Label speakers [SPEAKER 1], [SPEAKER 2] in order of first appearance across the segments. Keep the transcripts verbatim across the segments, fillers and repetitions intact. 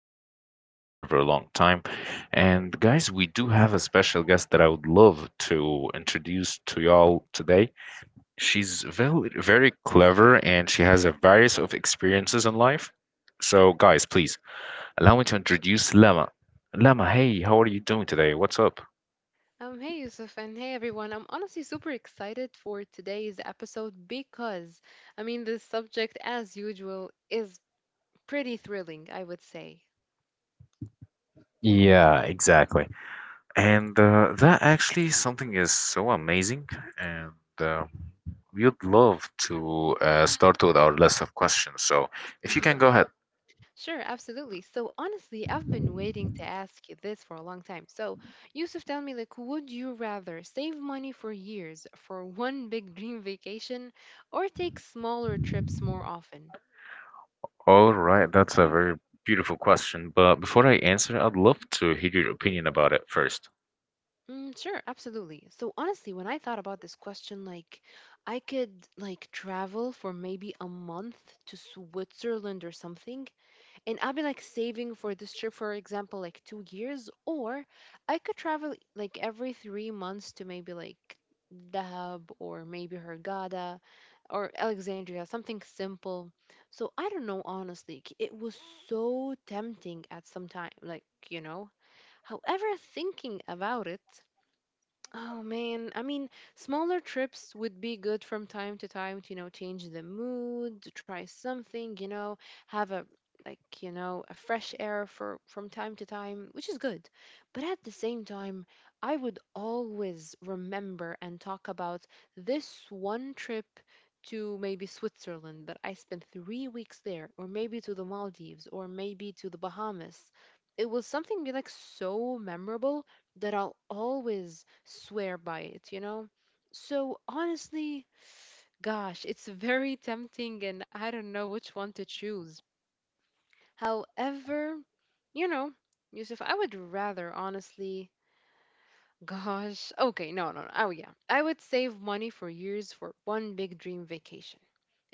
[SPEAKER 1] been waiting for for a very, very long time. And guys, we do have a special guest that I would love to introduce to y'all today. She's very, very clever and she has a various of experiences in life. So, guys, please allow me to introduce Lama. Lama, hey, how are you doing today? What's up?
[SPEAKER 2] Um, hey Yusuf and hey everyone. I'm honestly super excited for today's episode because, I mean, the subject, as usual, is pretty thrilling, I would say.
[SPEAKER 1] Yeah, exactly. And uh, That actually something is so amazing. And uh, We would love to uh, start with our list of questions. So if you can
[SPEAKER 2] Hmm,
[SPEAKER 1] go ahead.
[SPEAKER 2] sure, absolutely. So, honestly, I've been waiting to ask you this for a long time. So, Yusuf, tell me, like, would you rather save money for years for one big dream vacation or take smaller trips more often?
[SPEAKER 1] All right, that's a very beautiful question. But before I answer, I'd love to hear your opinion about it first.
[SPEAKER 2] Mm, sure, absolutely. So honestly, when I thought about this question, like I could like travel for maybe a month to Switzerland or something, and I'll be like saving for this trip, for example, like two years, or I could travel like every three months to maybe like Dahab or maybe Hurghada or Alexandria, something simple. So I don't know, honestly. k- It was so tempting at some time, like, you know. However, thinking about it, oh man, I mean, smaller trips would be good from time to time to, you know, change the mood, to try something, you know, have a like, you know, a fresh air for from time to time, which is good. But at the same time, I would always remember and talk about this one trip to maybe Switzerland that I spent three weeks there, or maybe to the Maldives, or maybe to the Bahamas. It was something like so memorable that I'll always swear by it, you know? So honestly, gosh, it's very tempting and I don't know which one to choose. However, you know, Yusuf, I would rather honestly, gosh, okay, no, no, no. Oh, yeah. I would save money for years for one big dream vacation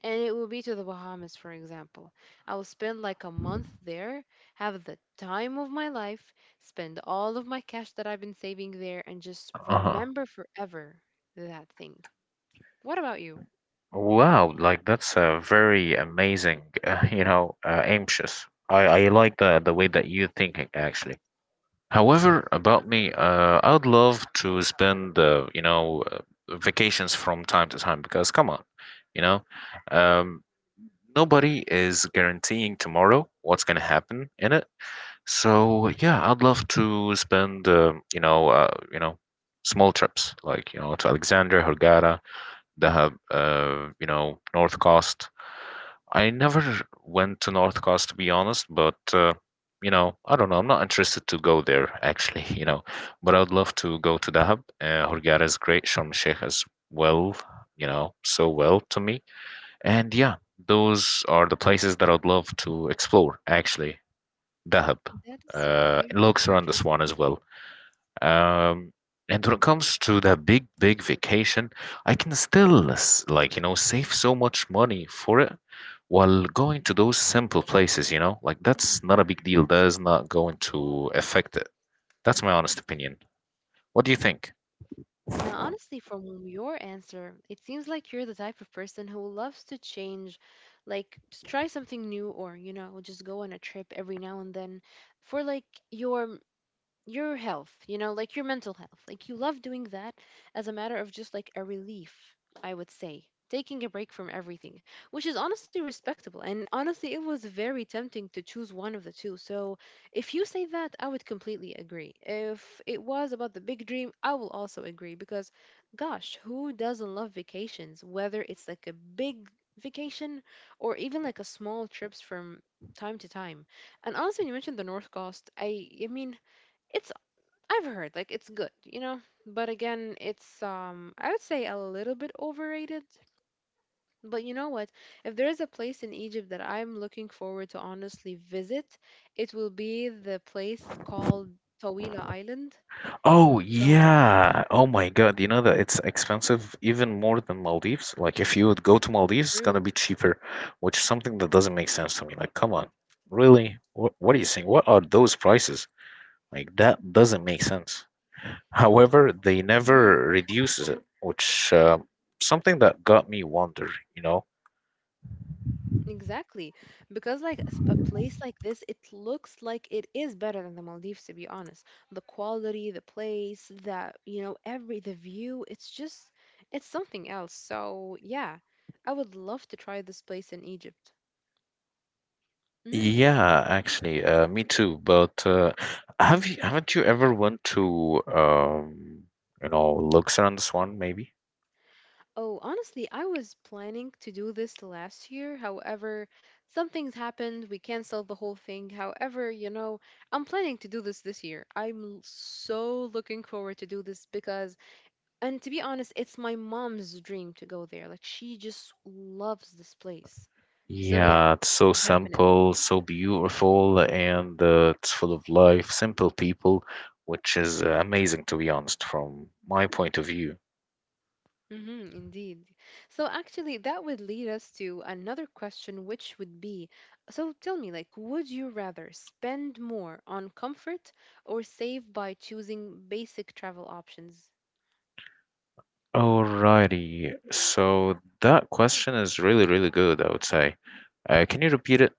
[SPEAKER 2] and it will be to the Bahamas, for example. I will spend like a month there, have the time of my life, spend all of my cash that I've been saving there, and just
[SPEAKER 1] Uh-huh.
[SPEAKER 2] remember forever that thing. What about you?
[SPEAKER 1] Wow, like that's a very amazing, uh, you know, uh, anxious. I, I like the the way that you're thinking actually. However, about me, uh, I'd love to spend, uh, you know, uh, vacations from time to time because come on, you know, um, nobody is guaranteeing tomorrow what's going to happen in it. So yeah, I'd love to spend um, you know uh, you know small trips, like, you know, to Alexander, Hurghada, Dahab, uh, you know, North Coast. I never went to North Coast, to be honest, but uh, you know, I don't know, I'm not interested to go there actually you know. But I'd love to go to Dahab. Uh, hurghada is great, Sharm El Sheikh as well, you know, so well to me. And yeah, those are the places that I'd love to explore, actually. Dahab,
[SPEAKER 2] That is
[SPEAKER 1] uh, and
[SPEAKER 2] very
[SPEAKER 1] Luxor and the Swan
[SPEAKER 2] interesting.
[SPEAKER 1] as well. Um, and when it comes to the big, big vacation, I can still, s- like, you know, save so much money for it while going to those simple places, you know? Like, that's not a big deal. That is not going to affect it. That's my honest opinion. What do you think?
[SPEAKER 2] Now, honestly, from your answer, it seems like you're the type of person who loves to change, like just try something new or, you know, just go on a trip every now and then for like your your health, you know, like your mental health. Like you love doing that as a matter of just like a relief, I would say. Taking a break from everything, which is honestly respectable. And honestly, it was very tempting to choose one of the two. So if you say that, I would completely agree. If it was about the big dream, I will also agree because, gosh, who doesn't love vacations? Whether it's like a big vacation or even like a small trips from time to time. And honestly, when you mentioned the North Coast, I, I mean, it's I've heard like it's good, you know, but again, it's um I would say a little bit overrated. But you know what? If there is a place in Egypt that I'm looking forward to honestly visit, it will be the place called Tawila Island.
[SPEAKER 1] Oh
[SPEAKER 2] God,
[SPEAKER 1] yeah. Oh my God. You know that it's expensive even more than Maldives. Like if you would go to Maldives, it's gonna be
[SPEAKER 2] true.
[SPEAKER 1] cheaper, which is something that doesn't make sense to me. Like, come on. Really? What what are you saying? What are those prices? Like that doesn't make sense. However, they never reduces it, which uh, something that got me wonder, you know?
[SPEAKER 2] Exactly. Because like a s- a place like this, it looks like it is better than the Maldives, to be honest. The quality, the place, the, you know, every, the view, it's just, it's something else. So yeah, I would love to try this place in Egypt. Mm.
[SPEAKER 1] Yeah, actually, uh, me too. But uh, have you, haven't you ever went to um, you know, Luxor and Swan maybe?
[SPEAKER 2] Oh, honestly, I was planning to do this last year. However, some things happened. We canceled the whole thing. However, you know, I'm planning to do this this year. I'm so looking forward to do this. Because And to be honest, it's my mom's dream to go there. Like she just loves this place. So yeah,
[SPEAKER 1] Yeah, it's so
[SPEAKER 2] definitely.
[SPEAKER 1] simple, so beautiful, and uh, it's full of life, simple people, which is uh, amazing, to be honest, from my point of view.
[SPEAKER 2] Hmm, indeed. So actually, that would lead us to another question, which would be, so tell me, like, would you rather spend more on comfort or save by choosing basic travel options?
[SPEAKER 1] Alrighty, so that question is really, really good, I would say. Uh, can you repeat it?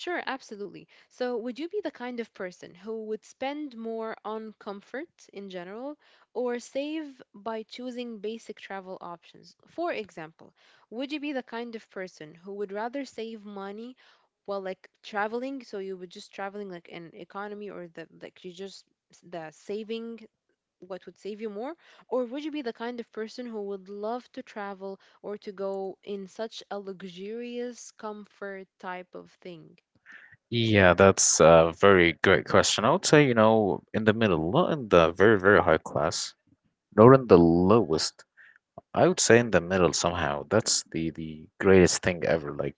[SPEAKER 2] Sure, absolutely. So, would you be the kind of person who would spend more on comfort in general or save by choosing basic travel options? For example, would you be the kind of person who would rather save money while like traveling? So, you would just traveling like an economy or the like you just s- the saving, what would save you more? Or would you be the kind of person who would love to travel or to go in such a luxurious comfort type of thing?
[SPEAKER 1] Yeah, that's a very great question. I would say, you know, in the middle, not in the very, very high class. Nor in the lowest. I would say in the middle somehow. That's the the greatest thing ever. Like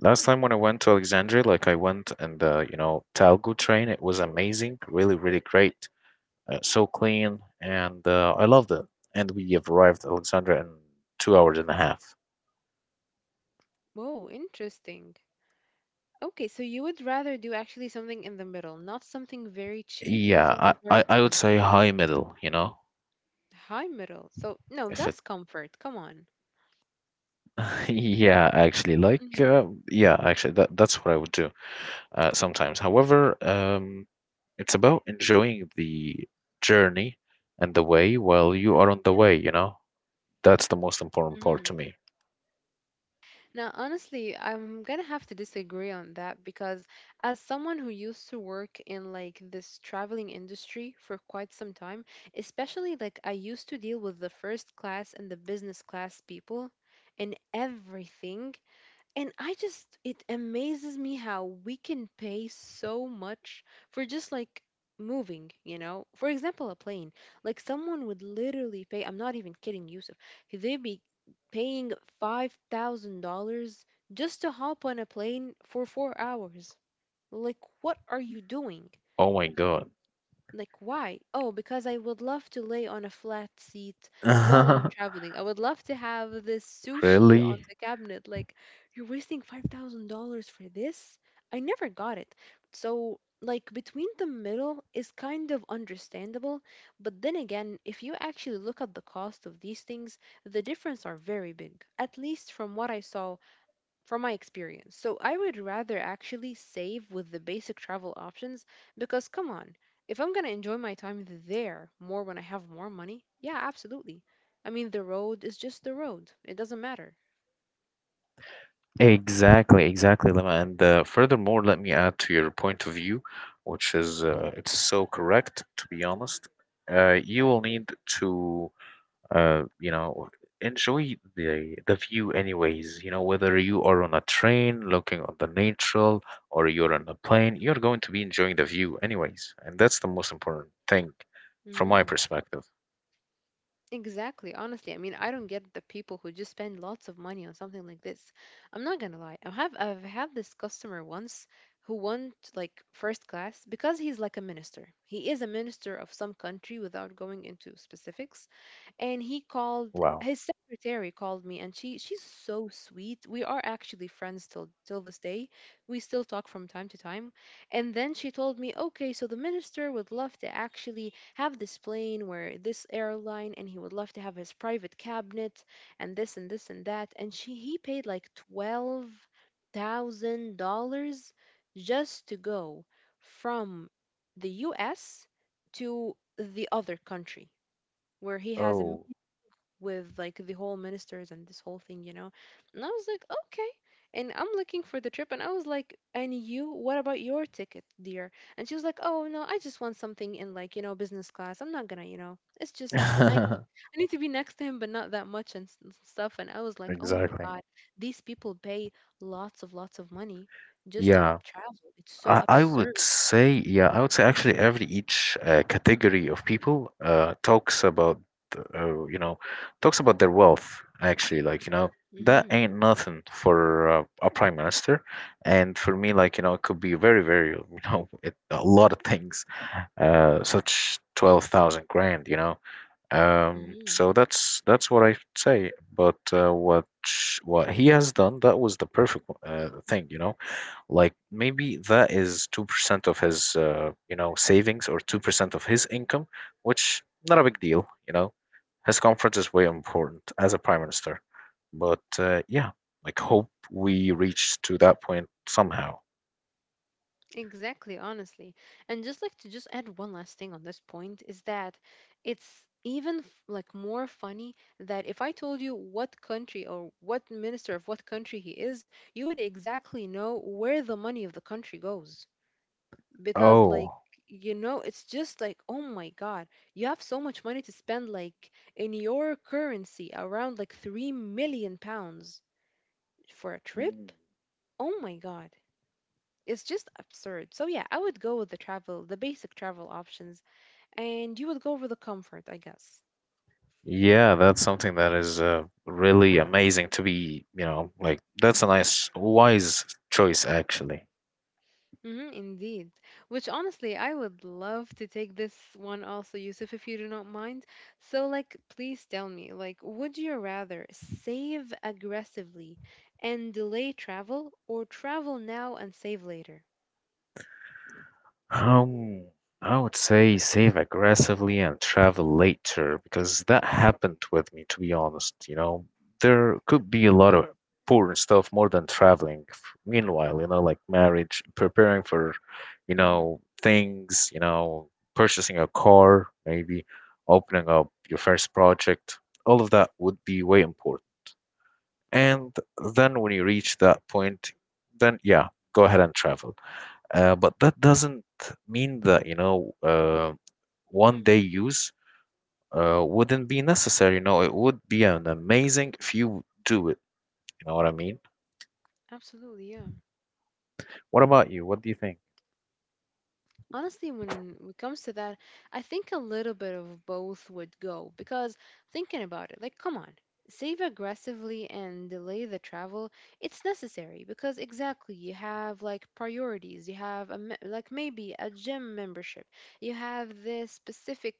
[SPEAKER 1] last time when I went to Alexandria, like I went in the, you know, Talgo train. It was amazing, really, really great. Uh, so clean, and uh, I loved it. And we have arrived at Alexandria in two hours and a half.
[SPEAKER 2] Whoa, interesting. Okay, so you would rather do actually something in the middle, not something very cheap, not
[SPEAKER 1] Yeah, I,
[SPEAKER 2] something very
[SPEAKER 1] I, I would
[SPEAKER 2] expensive.
[SPEAKER 1] say high middle, you know,
[SPEAKER 2] High middle. So, no,
[SPEAKER 1] if it
[SPEAKER 2] that's comfort. Come on.
[SPEAKER 1] yeah, actually, like,
[SPEAKER 2] Mhm,
[SPEAKER 1] uh, yeah, actually, that that's what I would do uh, sometimes. However, um, it's about enjoying the journey and the way while you are on the way, you know? That's the most important part to
[SPEAKER 2] mhm.
[SPEAKER 1] me.
[SPEAKER 2] Now, honestly, I'm gonna have to disagree on that because, as someone who used to work in like this traveling industry for quite some time, especially like I used to deal with the first class and the business class people in everything, and I just, it amazes me how we can pay so much for just like moving, you know? For example, a plane. Like someone would literally pay, I'm not even kidding, Yusuf, they'd be paying five thousand dollars just to hop on a plane for four hours. Like, what are you doing?
[SPEAKER 1] Oh my God.
[SPEAKER 2] Like, why? Oh, because I would love to lay on a flat seat while I'm traveling. I would love to have this sushi
[SPEAKER 1] Really?
[SPEAKER 2] on the cabinet. Like, you're wasting five thousand dollars for this? I never got it. So, like, between the middle is kind of understandable, but then again, if you actually look at the cost of these things, the difference are very big, at least from what I saw from my experience. So I would rather actually save with the basic travel options because, come on, if I'm going to enjoy my time there more when I have more money, yeah, absolutely. I mean, the road is just the road, it doesn't matter.
[SPEAKER 1] Exactly, exactly, Lama. And uh, furthermore, let me add to your point of view, which is uh, it's so correct, to be honest. Uh, you will need to uh you know enjoy the the view anyways, you know, whether you are on a train looking on the natural, or you're on a plane, you're going to be enjoying the view anyways. And that's the most important thing from my
[SPEAKER 2] Mhm.
[SPEAKER 1] perspective.
[SPEAKER 2] Exactly. Honestly, I mean, I don't get the people who just spend lots of money on something like this. I'm not gonna lie. I have I've had this customer once who went like first class because he's like a minister. He is a minister of some country without going into specifics. And he called
[SPEAKER 1] Wow.
[SPEAKER 2] his secretary called me, and she she's so sweet. We are actually friends till till this day. We still talk from time to time. And then she told me, "Okay, so the minister would love to actually have this plane where this airline, and he would love to have his private cabinet and this and this and that, and she he paid like twelve thousand dollars just to go from the U S to the other country where he has a
[SPEAKER 1] Oh.
[SPEAKER 2] with like the whole ministers and this whole thing, you know. And I was like, okay. And I'm looking for the trip, and I was like, and you, what about your ticket, dear? And she was like, oh no, I just want something in like you know business class. I'm not gonna, you know, it's just I I need to be next to him, but not that much and s- s- stuff. And I was like, oh my
[SPEAKER 1] Exactly.
[SPEAKER 2] god, these people pay lots of lots of money just to
[SPEAKER 1] Yeah,
[SPEAKER 2] travel. It's so
[SPEAKER 1] I, I
[SPEAKER 2] absurd.
[SPEAKER 1] would say, yeah, I would say actually every each uh, category of people uh, talks about, uh, you know, talks about their wealth, actually. Like, you know, that
[SPEAKER 2] Mm-hmm.
[SPEAKER 1] ain't nothing for uh, a prime minister. And for me, like, you know, it could be very, very, you know, it, a lot of things, uh, such twelve thousand grand, you know. Um,
[SPEAKER 2] Mm-hmm.
[SPEAKER 1] so that's that's what I say. But uh, what sh- what he has done, that was the perfect uh, thing, you know. Like maybe that is two percent of his uh, you know, savings, or two percent of his income, which not a big deal, you know. His comfort is way important as a prime minister. But uh, yeah, like hope we reach to that point somehow.
[SPEAKER 2] Exactly, honestly. And just like to just add one last thing on this point is that it's even f- like more funny that if I told you what country or what minister of what country he is, you would exactly know where the money of the country goes. Because like
[SPEAKER 1] Oh.
[SPEAKER 2] you know, it's just like, oh my God, you have so much money to spend like in your currency around like three million pounds for a trip.
[SPEAKER 1] Mm.
[SPEAKER 2] Oh my God. It's just absurd. So yeah, I would go with the travel, the basic travel options, and you would go for the comfort, I guess.
[SPEAKER 1] Yeah, that's something that is uh, really amazing to be, you know, like that's a nice, wise choice, actually.
[SPEAKER 2] Hmm, indeed. Which honestly, I would love to take this one also, Yusuf, if you do not mind. So like, please tell me, like, would you rather save aggressively and delay travel, or travel now and save later?
[SPEAKER 1] Um, I would say save aggressively and travel later because that happened with me, to be honest. You know, there could be a lot of important stuff more than traveling. f- Meanwhile, you know, like marriage, preparing for, you
[SPEAKER 2] Mm-hmm.
[SPEAKER 1] know, things, you know, purchasing a car, maybe opening up your first project, all of that would be way important. And then when you reach that point, then yeah, go ahead and travel. Uh, but that doesn't mean that, you know, uh, one day use uh, wouldn't be necessary. You know, it would be an amazing if you do it. You know what I mean?
[SPEAKER 2] Absolutely, yeah.
[SPEAKER 1] What about you? What do you think?
[SPEAKER 2] Honestly, when it comes to that, I think a little bit of both would go because thinking about it, like, come on, save aggressively and delay the travel. It's necessary because exactly you have like priorities. You have a, me- like maybe a gym membership. You have this specific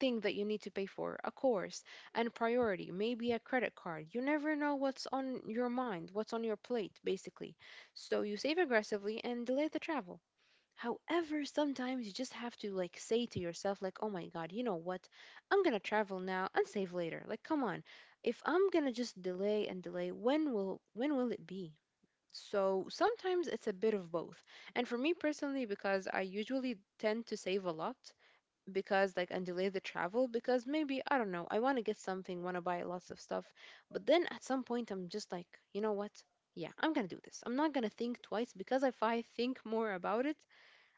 [SPEAKER 2] thing that you need to pay for, a course, and priority, maybe a credit card. You never know what's on your mind, what's on your plate, basically. So you save aggressively and delay the travel. However, sometimes you just have to like say to yourself, like, oh my God, you know what? I'm gonna travel now and save later. Like, come on. If I'm gonna just delay and delay, when will when will it be? So sometimes it's a bit of both. And for me personally, because I usually tend to save a lot because like and delay the travel because maybe I don't know, I want to get something, want to buy lots of stuff, but then at some point I'm just like, you know what? Yeah, I'm gonna do this. I'm not gonna think twice because if I think more about it,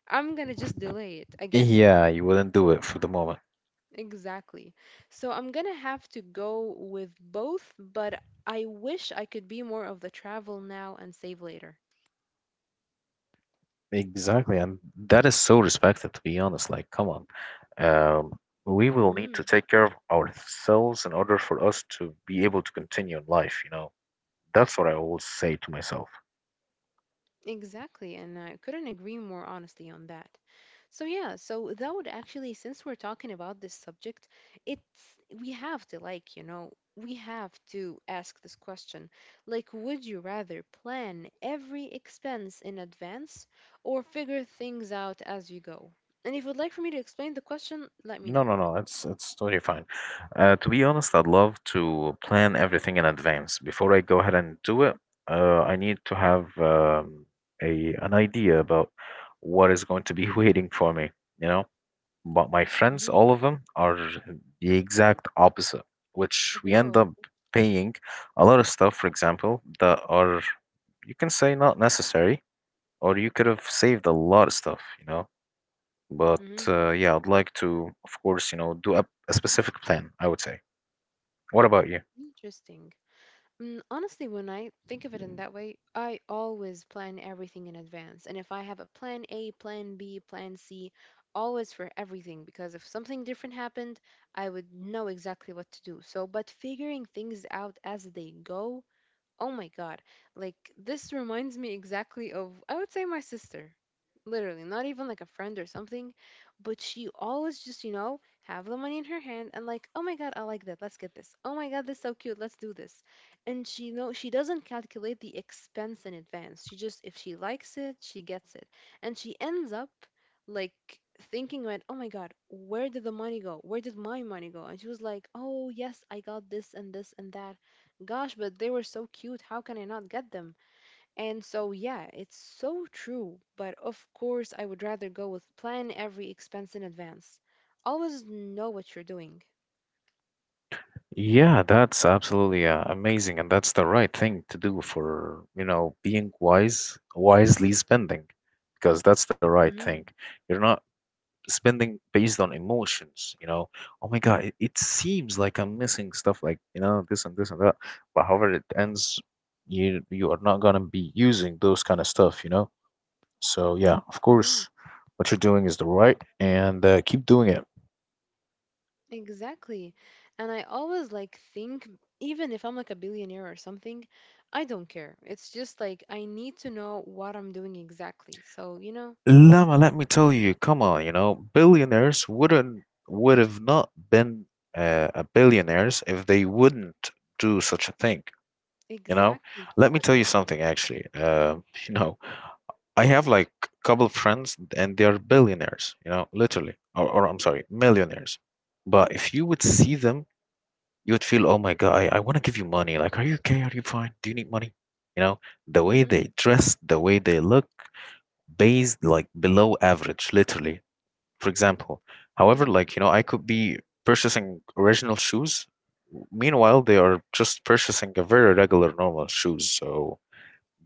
[SPEAKER 2] I'm gonna just delay it again.
[SPEAKER 1] Yeah, you wouldn't do it for the moment.
[SPEAKER 2] Exactly. So I'm gonna have to go with both, but I wish I could be more of the travel now and save later.
[SPEAKER 1] Exactly, and that is so respected, to be honest. Like, come on. Um, we will need
[SPEAKER 2] Mm-hmm.
[SPEAKER 1] to take care of ourselves in order for us to be able to continue in life, you know. That's what I always say to myself.
[SPEAKER 2] Exactly, and I couldn't agree more honestly on that. So yeah, so that would actually, since we're talking about this subject, it's we have to like, you know, we have to ask this question. Like, would you rather plan every expense in advance or figure things out as you go? And if you'd like for me to explain the question, let me
[SPEAKER 1] No,
[SPEAKER 2] know.
[SPEAKER 1] no, no. It's it's totally fine. Uh, to be honest, I'd love to plan everything in advance. Before I go ahead and do it, uh, I need to have um, a an idea about what is going to be waiting for me. You know, but my friends,
[SPEAKER 2] Hmm.
[SPEAKER 1] all of them, are the exact opposite, which we end up
[SPEAKER 2] Whoa.
[SPEAKER 1] paying a lot of stuff, for example, that are you can say not necessary, or you could have saved a lot of stuff. You know, but
[SPEAKER 2] Hmm.
[SPEAKER 1] uh, yeah, I'd like to, of course, you know, do a, a specific plan, I would say. What about you?
[SPEAKER 2] Interesting. Mm, Honestly, when I think of it in that way, I always plan everything in advance. And if I have a plan A, plan B, plan C, always for everything, because if something different happened, I would know exactly what to do. So, but figuring things out as they go, oh my God. Like, this reminds me exactly of, I would say, my sister. Literally, not even like a friend or something, but she always just, you know, have the money in her hand and like, oh my God, I like that. Let's get this. Oh my God, this is so cute. Let's do this. And she know she doesn't calculate the expense in advance. She just, if she likes it, she gets it. And she ends up like thinking about, oh my God, where did the money go? Where did my money go? And she was like, oh yes, I got this and this and that. Gosh, but they were so cute. How can I not get them? And so, yeah, it's so true. But of course, I would rather go with plan every expense in advance. Always know what you're doing.
[SPEAKER 1] Yeah, that's absolutely uh, amazing, and that's the right thing to do for, you know, being wise, wisely spending, because that's the right
[SPEAKER 2] Mm-hmm.
[SPEAKER 1] thing. You're not spending based on emotions, you know. Oh my God, it, it seems like I'm missing stuff like, you know, this and this and that. But however it ends, you you are not gonna be using those kind of stuff, you know. So yeah, of
[SPEAKER 2] Mm-hmm.
[SPEAKER 1] course, what you're doing is the right, and uh, keep doing it.
[SPEAKER 2] Exactly. And I always like think, even if I'm like a billionaire or something, I don't care. It's just like I need to know what I'm doing exactly. So, you know,
[SPEAKER 1] Lama, let me tell you, come on, you know, billionaires wouldn't would have not been uh, a billionaires if they wouldn't do such a thing. You know,
[SPEAKER 2] exactly.
[SPEAKER 1] let me
[SPEAKER 2] Thank
[SPEAKER 1] tell
[SPEAKER 2] you.
[SPEAKER 1] you something actually. Uh, you know, I have like a couple of friends, and they are billionaires. You know, literally, or, or I'm sorry, millionaires. But if you would see them, you would feel, oh my God, I, I want to give you money. Like, are you okay? Are you fine? Do you need money? You know, the way
[SPEAKER 2] Mm-hmm.
[SPEAKER 1] they dress, the way they look, based like below average, literally. For example, however,
[SPEAKER 2] Mm-hmm.
[SPEAKER 1] like, you know, I could be purchasing original shoes. Meanwhile, they are just purchasing a very regular, normal shoes. So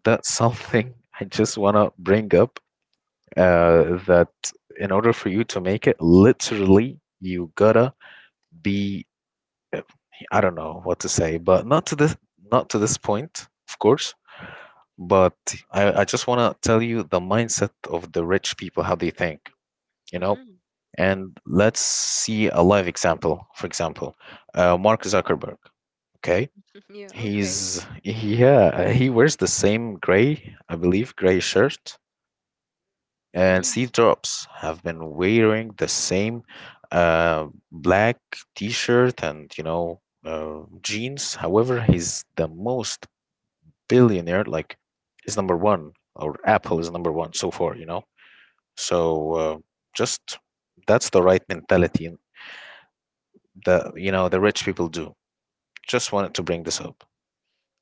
[SPEAKER 1] that's something I just want to bring up uh,
[SPEAKER 2] Mm-hmm.
[SPEAKER 1] that in order for you to make it, literally, you gotta be uh, I don't know what to say, but not to this, not to this point, of course. But I, I just wanna tell you the mindset of the rich people, how they think, you know?
[SPEAKER 2] Mm-hmm.
[SPEAKER 1] And let's see a live example. For example, uh, Mark Zuckerberg, okay?
[SPEAKER 2] Yeah, okay.
[SPEAKER 1] He's, yeah, he wears the same gray, I believe, gray shirt, and
[SPEAKER 2] Mm-hmm.
[SPEAKER 1] Steve Jobs have been wearing the same uh, black T-shirt and, you know, uh, jeans. However, he's the most billionaire. Like he's number one, or Apple is number one so far. You know, so uh, just that's the right mentality that, you know, the rich people do. Just wanted to bring this up.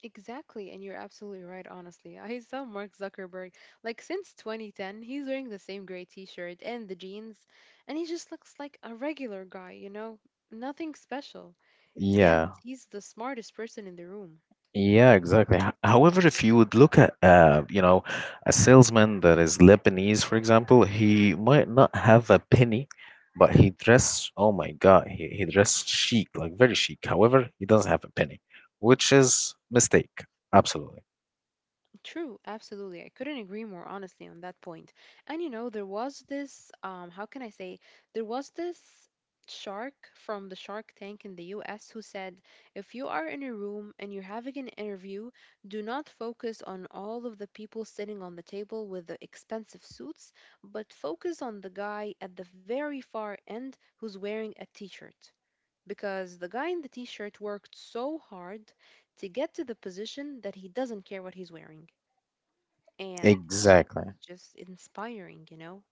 [SPEAKER 2] Exactly, and you're absolutely right, honestly. I saw Mark Zuckerberg, like, since twenty ten, he's wearing the same gray t-shirt and the jeans, and he just looks like a regular guy, you know? Nothing special. Yet,
[SPEAKER 1] Yeah.
[SPEAKER 2] he's the smartest person in the room.
[SPEAKER 1] Yeah, exactly. H- However, if you would look at uh, you know, a salesman that is Lebanese, for example, he might not have a penny, but he dress, oh my God, he, he dressed chic, like very chic. However, he doesn't have a penny, which is mistake. Absolutely.
[SPEAKER 2] True, absolutely. I couldn't agree more honestly on that point. And you know, there was this, um, how can I say, there was this shark from the Shark Tank in the U S who said, "If you are in a room and you're having an interview, do not focus on all of the people sitting on the table with the expensive suits, but focus on the guy at the very far end who's wearing a t-shirt." Because the guy in the t shirt worked so hard to get to the position that he doesn't care what he's wearing, and it's
[SPEAKER 1] Exactly.
[SPEAKER 2] just inspiring, you know?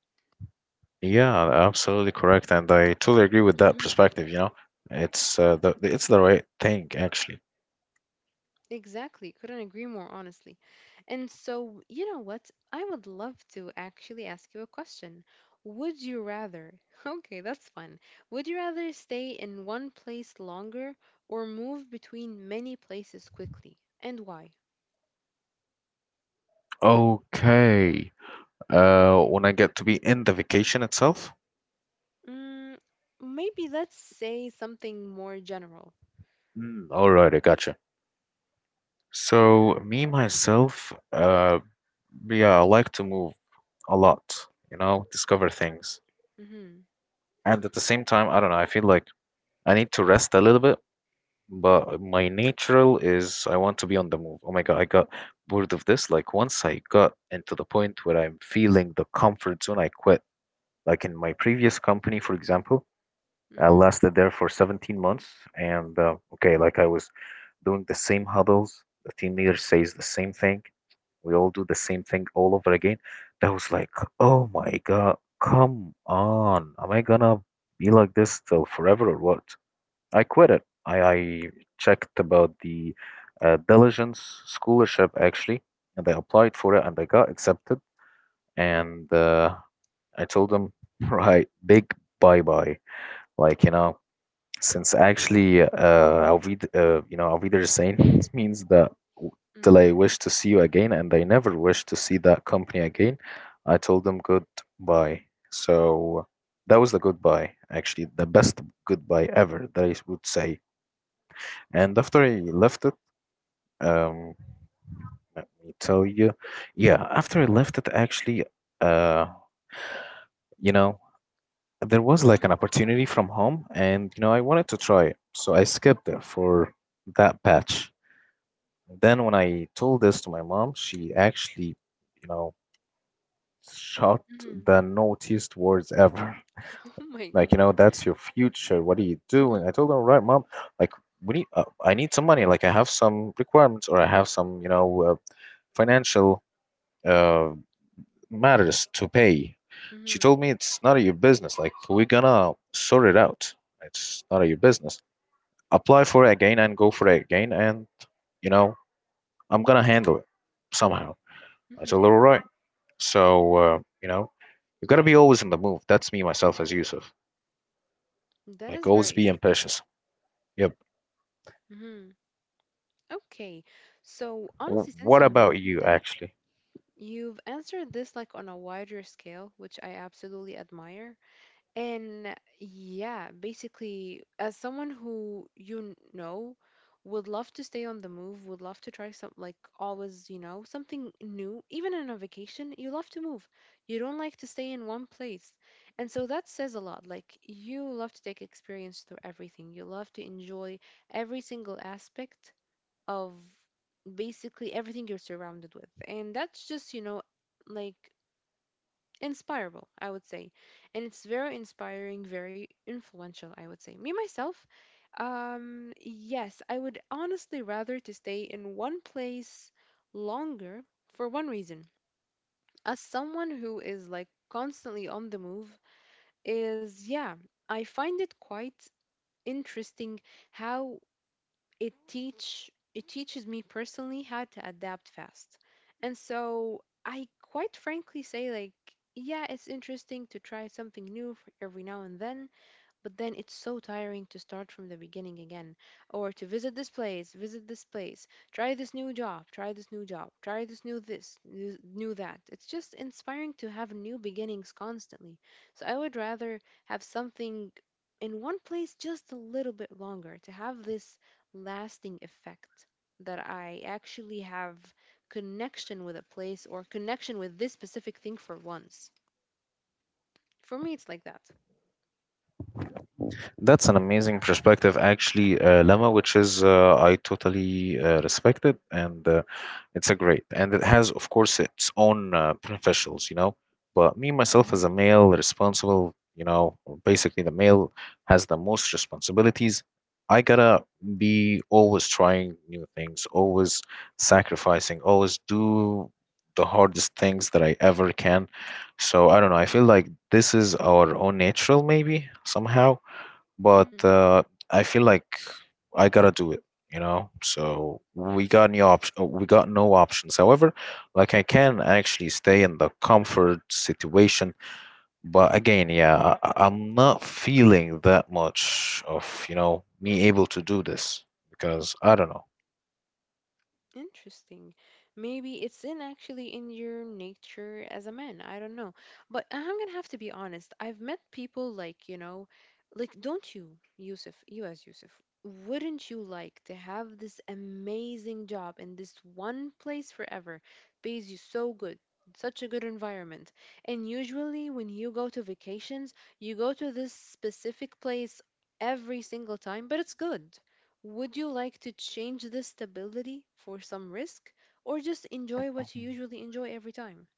[SPEAKER 1] Yeah, absolutely correct, and I totally agree with that
[SPEAKER 2] Hmm.
[SPEAKER 1] perspective, you know. It's uh, the it's the right thing actually.
[SPEAKER 2] Exactly. Couldn't agree more, honestly. And so, you know what? I would love to actually ask you a question. Would you rather, okay, that's fun. Would you rather stay in one place longer or move between many places quickly? And why?
[SPEAKER 1] Okay. Uh, when I get to be in the vacation itself?
[SPEAKER 2] Mm, maybe let's say something more general.
[SPEAKER 1] Mm, all right, I gotcha. So, me myself, uh, yeah, I like to move a lot, you know, discover things.
[SPEAKER 2] Mm-hmm.
[SPEAKER 1] And at the same time, I don't know, I feel like I need to rest a little bit. But my natural is I want to be on the move. Oh my God, I got bored of this. Like once I got into the point where I'm feeling the comfort zone, I quit. Like in my previous company, for example, I
[SPEAKER 2] Mm-hmm.
[SPEAKER 1] lasted there for seventeen months. And uh, okay, like I was doing the same huddles. The team leader says the same thing. We all do the same thing all over again. That was like, oh my God, come on. Am I gonna be like this till forever or what? I quit it. I, I checked about the uh, diligence scholarship actually, and I applied for it and I got accepted. And uh, I told them, right, big bye bye. Like, you know, since actually, uh, Auf Wied- uh, you know, Auf Wiedersehen it means that w- till
[SPEAKER 2] Mm-hmm.
[SPEAKER 1] I wish to see you again, and I never wish to see that company again. I told them goodbye. So that was the goodbye, actually, the best goodbye ever that I would say. And after I left it, um, let me tell you, yeah, after I left it, actually, uh, you know, there was like an opportunity from home, and you know, I wanted to try it, so I skipped it for that batch. Then when I told this to my mom, she actually, you know, shot
[SPEAKER 2] Mm-hmm.
[SPEAKER 1] the naughtiest words ever.
[SPEAKER 2] Oh my
[SPEAKER 1] Like, you
[SPEAKER 2] God.
[SPEAKER 1] know, that's your future. What are you
[SPEAKER 2] Mm-hmm.
[SPEAKER 1] doing? I told her, all right, mom, like, we need, uh, I need some money. Like, I have some requirements, or I have some, you know, uh, financial uh, matters to pay. She
[SPEAKER 2] Mm-hmm.
[SPEAKER 1] told me it's none of your business. Like we're gonna sort it out. It's none of your business. Apply for it again and go for it again, and you know I'm gonna handle it somehow. I told her all right. So uh, you know, you gotta be always in the move. That's me myself as Yusuf.
[SPEAKER 2] That
[SPEAKER 1] Like
[SPEAKER 2] is
[SPEAKER 1] always
[SPEAKER 2] very
[SPEAKER 1] be
[SPEAKER 2] interesting.
[SPEAKER 1] ambitious. Yep.
[SPEAKER 2] Hmm. Okay. So,
[SPEAKER 1] W-
[SPEAKER 2] honestly, since
[SPEAKER 1] what
[SPEAKER 2] you
[SPEAKER 1] about
[SPEAKER 2] mentioned
[SPEAKER 1] you
[SPEAKER 2] that,
[SPEAKER 1] actually?
[SPEAKER 2] you've answered this like on a wider scale, which I absolutely admire. And yeah, basically, as someone who you n- know would love to stay on the move, would love to try some like always, you know, something new, even on a vacation, you love to move. You don't like to stay in one place. And so that says a lot. Like you love to take experience through everything. You love to enjoy every single aspect of basically everything you're surrounded with. And that's just, you know, like inspirable, I would say. And it's very inspiring, very influential, I would say. Me myself, um, yes, I would honestly rather to stay in one place longer for one reason. As someone who is like constantly on the move, is yeah, I find it quite interesting how it teach it teaches me personally how to adapt fast. And so I quite frankly say like yeah, it's interesting to try something new f- every now and then, but then it's so tiring to start from the beginning again or to visit this place, visit this place, try this new job, try this new job, try this new this, new new that. It's just inspiring to have new beginnings constantly. So I would rather have something in one place just a little bit longer to have this lasting effect that I actually have connection with a place or connection with this specific thing for once. For me, it's like that.
[SPEAKER 1] That's an amazing perspective, actually, uh, Lama, which is uh, I totally uh, respect it, and uh, it's a great, and it has, of course, its own uh, professionals, you know. But me myself, as a
[SPEAKER 2] Hmm.
[SPEAKER 1] male, responsible, you know, basically the male has the most responsibilities. I gotta be always trying new things, always sacrificing, always do the hardest things that I ever can. So I don't know. I feel like this is our own natural, maybe somehow, but
[SPEAKER 2] Mhm.
[SPEAKER 1] uh, I feel like I gotta do it, you know. So we got no option. We got no options. However, like I can actually stay in the comfort situation, but again, yeah, I, I- I'm not feeling that much of you know me able to do this because I don't know.
[SPEAKER 2] Interesting. Maybe it's in actually in your nature as a man. I don't know. But I'm gonna have to be honest. I've met people like, you know, like don't you, Yusuf, you as Yusuf, wouldn't you like to have this amazing job in this one place forever? Pays you so good, such a good environment. And usually when you go to vacations, you go to this specific place every single time, but it's good. Would you like to change this stability for some risk or just enjoy what you usually enjoy every time?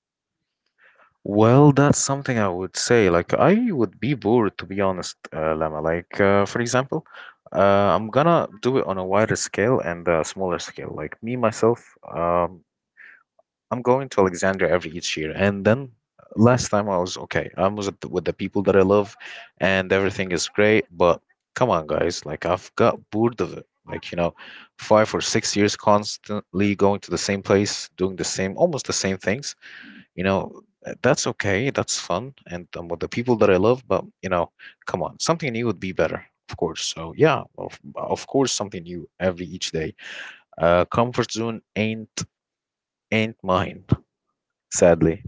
[SPEAKER 1] Well, that's something I would say. Like, I would be bored, to be honest, uh, Lama. Like, uh, for example, uh, I'm gonna do it on a wider scale and a smaller scale. Like, me, myself, um, I'm going to Alexandria every each year. And then
[SPEAKER 2] Mm-hmm.
[SPEAKER 1] last time I was okay. I was at- with the people that I love, and everything is great. But come on, guys. Like, I've got bored of it. Like, you know, five or six years constantly going to the same place, doing the same, almost the same things, you know. Uh, that's okay, that's fun, and I'm with the people that I love, but you know, come on, something new would be better, of course. So yeah, of, of course, something new every each day. Uh, comfort zone ain't ain't mine, sadly.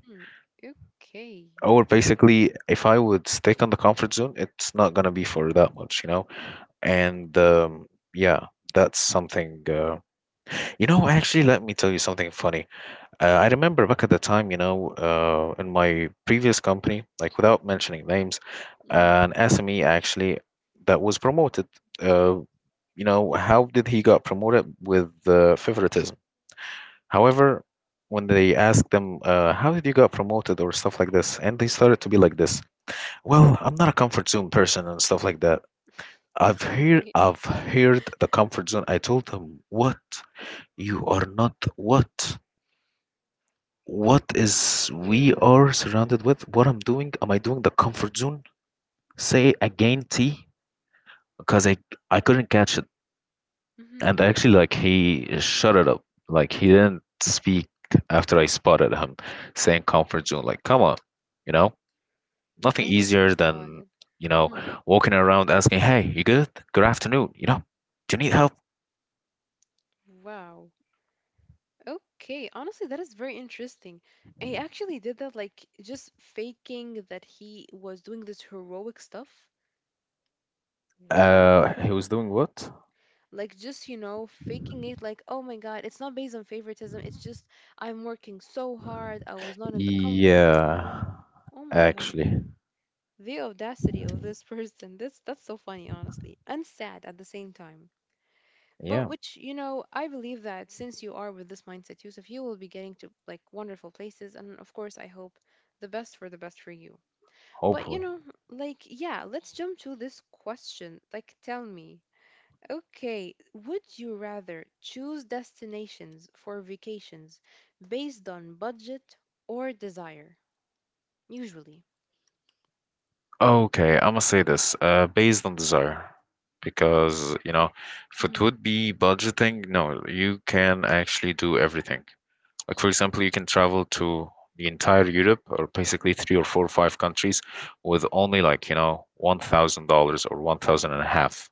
[SPEAKER 2] Okay.
[SPEAKER 1] Or basically if I would stick on the comfort zone, it's not gonna be for that much, you know. And um yeah, that's something. Uh you know, actually, let me tell you something funny. Uh, I remember back at the time, you know, uh, in my previous company, like without mentioning names,
[SPEAKER 2] Mm-hmm.
[SPEAKER 1] an S M E actually that was promoted. Uh, you know, how did he got promoted? With uh, favoritism? However, when they asked them, uh, how did you got promoted or stuff like this, and they started to be like this. Well, I'm not a comfort zone person and stuff like that. I've heard,
[SPEAKER 2] Okay.
[SPEAKER 1] I've heard the comfort zone. I told them, what? You are not what? What is we
[SPEAKER 2] Okay.
[SPEAKER 1] are surrounded with? What I'm doing, am I doing the comfort zone? Say again, t because i i couldn't catch it. And
[SPEAKER 2] Mm-hmm.
[SPEAKER 1] actually like he shut it up, like he didn't speak after I spotted him saying comfort zone. Like come on, you know, nothing
[SPEAKER 2] Oh my
[SPEAKER 1] easier
[SPEAKER 2] God.
[SPEAKER 1] than, you know,
[SPEAKER 2] Mm-hmm.
[SPEAKER 1] walking around asking, hey, you good, good afternoon, you know, do you need help?
[SPEAKER 2] Wow. Okay. Honestly, that is very interesting. He actually did that, like just faking that he was doing this heroic stuff. Wow.
[SPEAKER 1] Uh he was doing what?
[SPEAKER 2] Like just, you know, faking it like, oh my god, it's not based on favoritism, it's just I'm working so hard, I was not in the comfort
[SPEAKER 1] Yeah.
[SPEAKER 2] zone. Oh my god,
[SPEAKER 1] Actually,
[SPEAKER 2] the audacity of this person, this, that's so funny honestly and sad at the same time. But,
[SPEAKER 1] yeah.
[SPEAKER 2] which, you know, I believe that since you are with this mindset, Yusuf, you will be getting to like wonderful places, and of course I hope the best, for the best for you. But, you
[SPEAKER 1] Hopefully.
[SPEAKER 2] know, like, yeah, let's jump to this question, like tell me. Okay, would you rather choose destinations for vacations based on budget or desire? Usually.
[SPEAKER 1] Okay, I'm gonna say this uh, based on desire because, you know, if it
[SPEAKER 2] Hmm.
[SPEAKER 1] would be budgeting, no, you can actually do everything. Like for example, you can travel to the entire Europe or basically three or four or five countries with only like you know one thousand dollars or one thousand and a half.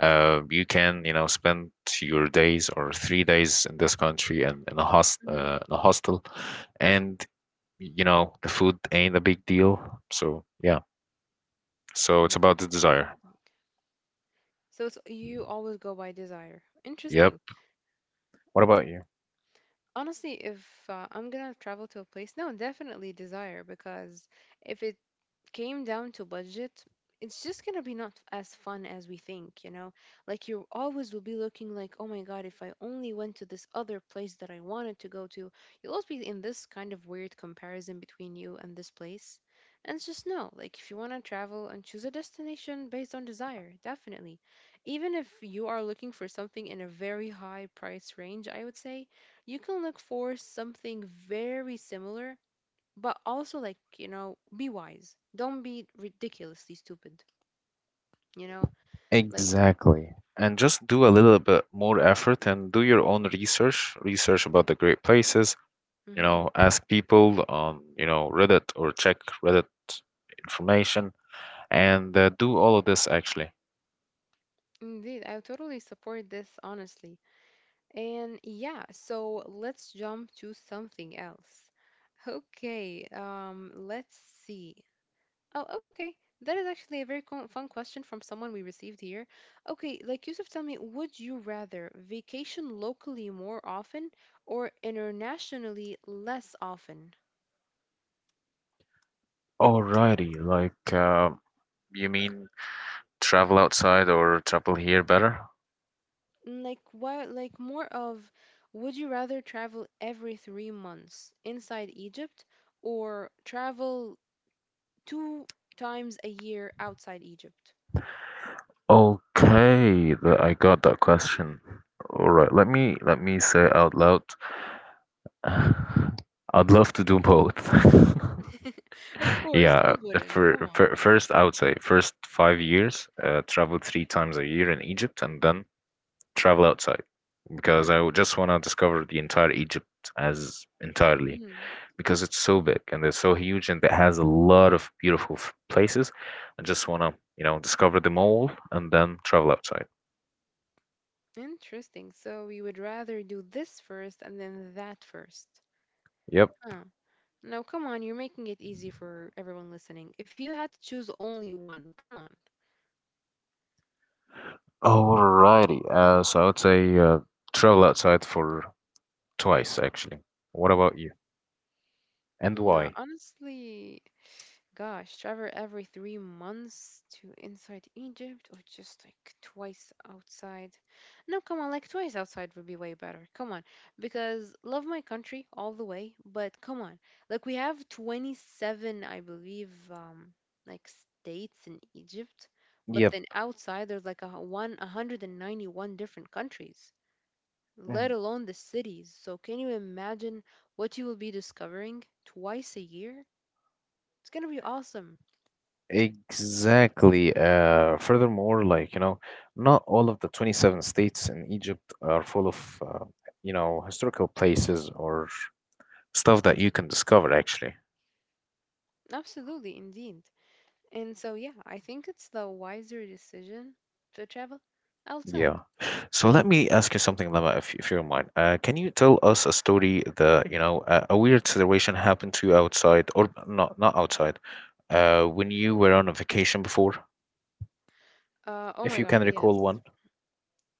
[SPEAKER 1] Uh, you can, you know, spend your days or three days in this country and in a host
[SPEAKER 2] Hmm.
[SPEAKER 1] uh, in a hostel, and you know the food ain't a big deal. So yeah. So it's about the desire.
[SPEAKER 2] Interesting. So, so you always go by desire.
[SPEAKER 1] Yep.
[SPEAKER 2] Interesting.
[SPEAKER 1] What about you?
[SPEAKER 2] Honestly, if uh, I'm gonna travel to a place, no, definitely desire because if came down to budget, it's just gonna be not as fun as we think, you know? Like you always will be looking like, oh my god, if I only went to this other place that I wanted to go to, you'll always be in this kind of weird comparison between you and this place. And it's just no, like if you wanna travel and choose a destination based on desire, definitely. Even if you are looking for something in a very high price range, I would say, you can look for something very similar, but also, like, you know, be wise, don't be ridiculously stupid, you know? Like,
[SPEAKER 1] Exactly. And just do a little bit more effort and do your own research, research about the great places, you know,
[SPEAKER 2] hmm,
[SPEAKER 1] ask people on, you know, Reddit, or check Reddit information, and uh, do all of this actually.
[SPEAKER 2] indeed, I totally support this, honestly. And yeah, so let's jump to something else. Okay, um, let's see. Oh, okay, that is actually a very co- fun question from someone we received here. Okay, like, Yusuf, tell me, would you rather vacation locally more often or internationally less often?
[SPEAKER 1] Alrighty, like uh, you mean travel outside or travel here better?
[SPEAKER 2] Mm, like what? Like more of, would you rather travel every three months inside Egypt or travel two times a year outside Egypt?
[SPEAKER 1] Okay, th- I got that question. All right, let me let me say out loud. I'd love to do both.
[SPEAKER 2] Of course,
[SPEAKER 1] Yeah,
[SPEAKER 2] who wouldn't?
[SPEAKER 1] for,
[SPEAKER 2] Come
[SPEAKER 1] for
[SPEAKER 2] on.
[SPEAKER 1] first I would say first five years, uh, travel three times a year in Egypt, and then travel outside, because I would just want to discover the entire Egypt as entirely.
[SPEAKER 2] Mhm.
[SPEAKER 1] Because it's so big and it's so huge and it has a lot of beautiful f- places. I just want to, you know, discover them all and then travel outside.
[SPEAKER 2] Interesting. So you would rather do this first and then that first.
[SPEAKER 1] Yep.
[SPEAKER 2] Huh. No, come on, you're making it easy for everyone listening. If you had to choose only one, come on.
[SPEAKER 1] Alrighty. Uh, so I would say uh, travel outside for twice, actually. What about you? And
[SPEAKER 2] No,
[SPEAKER 1] why?
[SPEAKER 2] honestly. Gosh, travel every three months to inside Egypt or just like twice outside. No, come on, like twice outside would be way better. Come on. Because love my country all the way, but come on. Like we have twenty-seven, I believe, um, like states in Egypt, but
[SPEAKER 1] Yep.
[SPEAKER 2] then outside there's like a hu- one 191 different countries, let
[SPEAKER 1] Mm.
[SPEAKER 2] alone the cities. So can you imagine what you will be discovering twice a year? It's gonna be awesome.
[SPEAKER 1] Exactly. Uh, furthermore, like, you know, not all of the twenty-seven states in Egypt are full of, uh, you know, historical places or stuff that you can discover, actually.
[SPEAKER 2] Absolutely, indeed. And so, yeah, I think it's the wiser decision to travel outside.
[SPEAKER 1] Yeah. So let me ask you something, Lama, if, if you don't mind. Uh, can you tell us a story that, you know, a, a weird situation happened to you outside, or not not outside, uh, when you were on a vacation before,
[SPEAKER 2] Uh, oh
[SPEAKER 1] if
[SPEAKER 2] my
[SPEAKER 1] you can
[SPEAKER 2] God, yes.
[SPEAKER 1] recall one?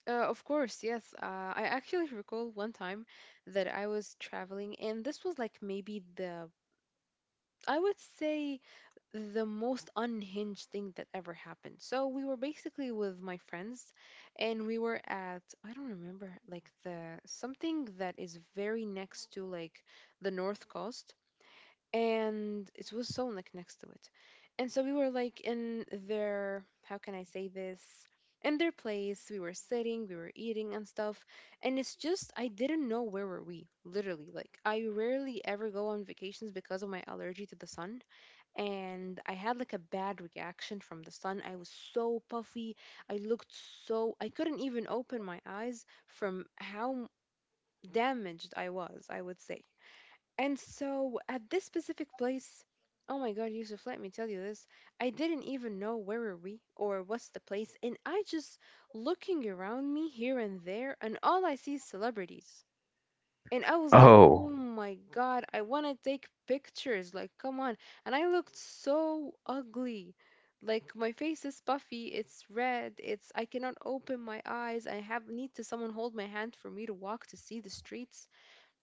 [SPEAKER 2] Uh, of course, yes. Uh, I actually recall one time that I was traveling, and this was like maybe the, I would say, the most unhinged thing that ever happened. So we were basically with my friends, and we were at, I don't remember, like the something that is very next to like the North Coast. And it was sewn like next to it. And so we were like in their, how can I say this? In their place, we were sitting, we were eating and stuff. And it's just, I didn't know where were we, literally. Like, I rarely ever go on vacations because of my allergy to the sun. And I had like a bad reaction from the sun. I was so puffy. I looked so, I couldn't even open my eyes from how damaged I was, I would say. And so at this specific place, oh my God, Yusuf, let me tell you this. I didn't even know where were we or what's the place, and I just looking around me here and there, and all I see is celebrities. And I was like, oh
[SPEAKER 1] Oh,
[SPEAKER 2] my God, I want to take pictures. Like, come on. And I looked so ugly. Like my face is puffy, it's red, it's I cannot open my eyes. I have need to someone hold my hand for me to walk to see the streets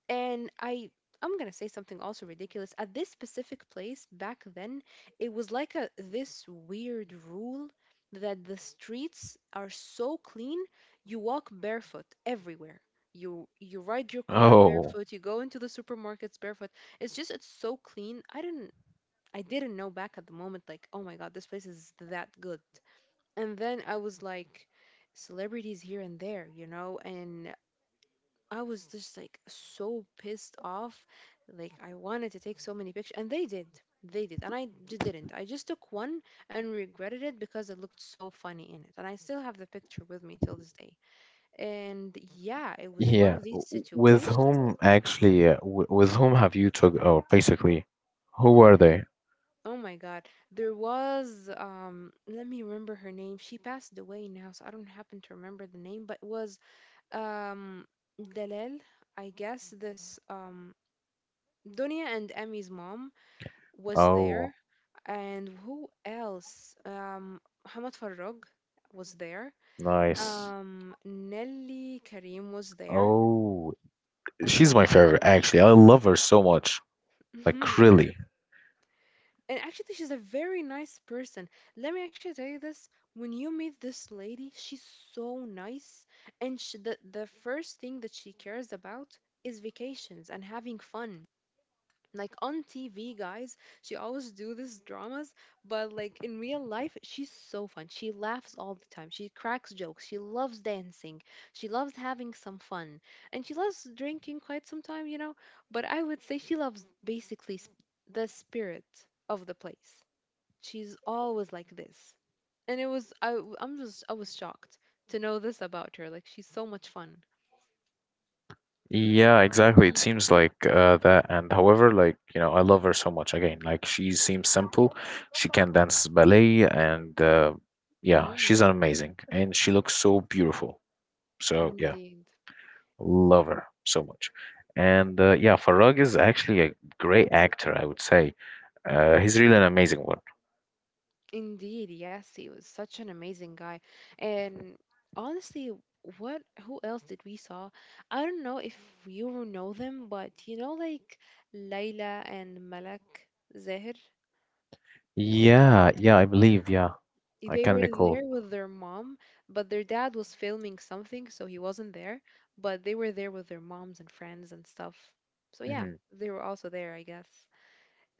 [SPEAKER 2] and i i'm gonna say something also ridiculous at this specific place back then. It was like a this weird rule that the streets are so clean. You walk barefoot everywhere. You you ride your car
[SPEAKER 1] oh.
[SPEAKER 2] barefoot, you go into the supermarkets barefoot. It's just it's so clean. I didn't, i didn't know back at the moment like, oh my God, this place is that good. And then I was like, celebrities here and there, you know and I was just like so pissed off. Like I wanted to take so many pictures, and they did. They did, and I just didn't. I just took one and regretted it because it looked so funny in it, and I still have the picture with me till this day. And yeah, it was one of
[SPEAKER 1] Yeah,
[SPEAKER 2] these
[SPEAKER 1] w- with
[SPEAKER 2] situations.
[SPEAKER 1] whom actually, uh, w- with whom have you took, or basically, who are they?
[SPEAKER 2] Oh my God, there was um. Let me remember her name. She passed away now, so I don't happen to remember the name, but it was um Dalal. I guess this um Dunya and Emmy's mom was
[SPEAKER 1] Oh,
[SPEAKER 2] there. And who else? Um, Muhammad Farrag was there.
[SPEAKER 1] nice.
[SPEAKER 2] Um, Nelly Karim was there.
[SPEAKER 1] Oh,
[SPEAKER 2] Oh
[SPEAKER 1] she's my
[SPEAKER 2] my,
[SPEAKER 1] favorite, actually. I love her so much. Like,
[SPEAKER 2] mhm,
[SPEAKER 1] really.
[SPEAKER 2] indeed. And actually, she's a very nice person. Let me actually tell you this: when you meet this lady, she's so nice, and she, the the first thing that she cares about is vacations and having fun. Like on T V, guys, she always do these dramas, but like in real life, she's so fun. She laughs all the time. She cracks jokes. She loves dancing. She loves having some fun, and she loves drinking quite some time, you know. But I would say she loves basically s- the spirit of the place. She's always like this, and it was I. w- I'm just I was shocked to know this about her. Like she's so much fun.
[SPEAKER 1] Yeah, exactly. It seems like uh, that. And however, like, you know, I love her so much again. Like, she seems simple. She can dance ballet, and uh, yeah, she's
[SPEAKER 2] Mm-hmm.
[SPEAKER 1] amazing. And she looks so beautiful. So, yeah.
[SPEAKER 2] Indeed.
[SPEAKER 1] Love her so much. And uh, yeah, Farag is actually a great actor, I would say. Uh, he's really an amazing one.
[SPEAKER 2] Indeed, yes, he was such an amazing guy. And honestly, what who else did we saw? I don't know if you know them, but you know like Layla and Malak Zahir,
[SPEAKER 1] Yeah, yeah, I believe, yeah. I
[SPEAKER 2] they
[SPEAKER 1] can
[SPEAKER 2] were
[SPEAKER 1] recall.
[SPEAKER 2] there with their mom, but their dad was filming something, so he wasn't there, but they were there with their moms and friends and stuff. So yeah,
[SPEAKER 1] Mhm.
[SPEAKER 2] they were also there, I guess.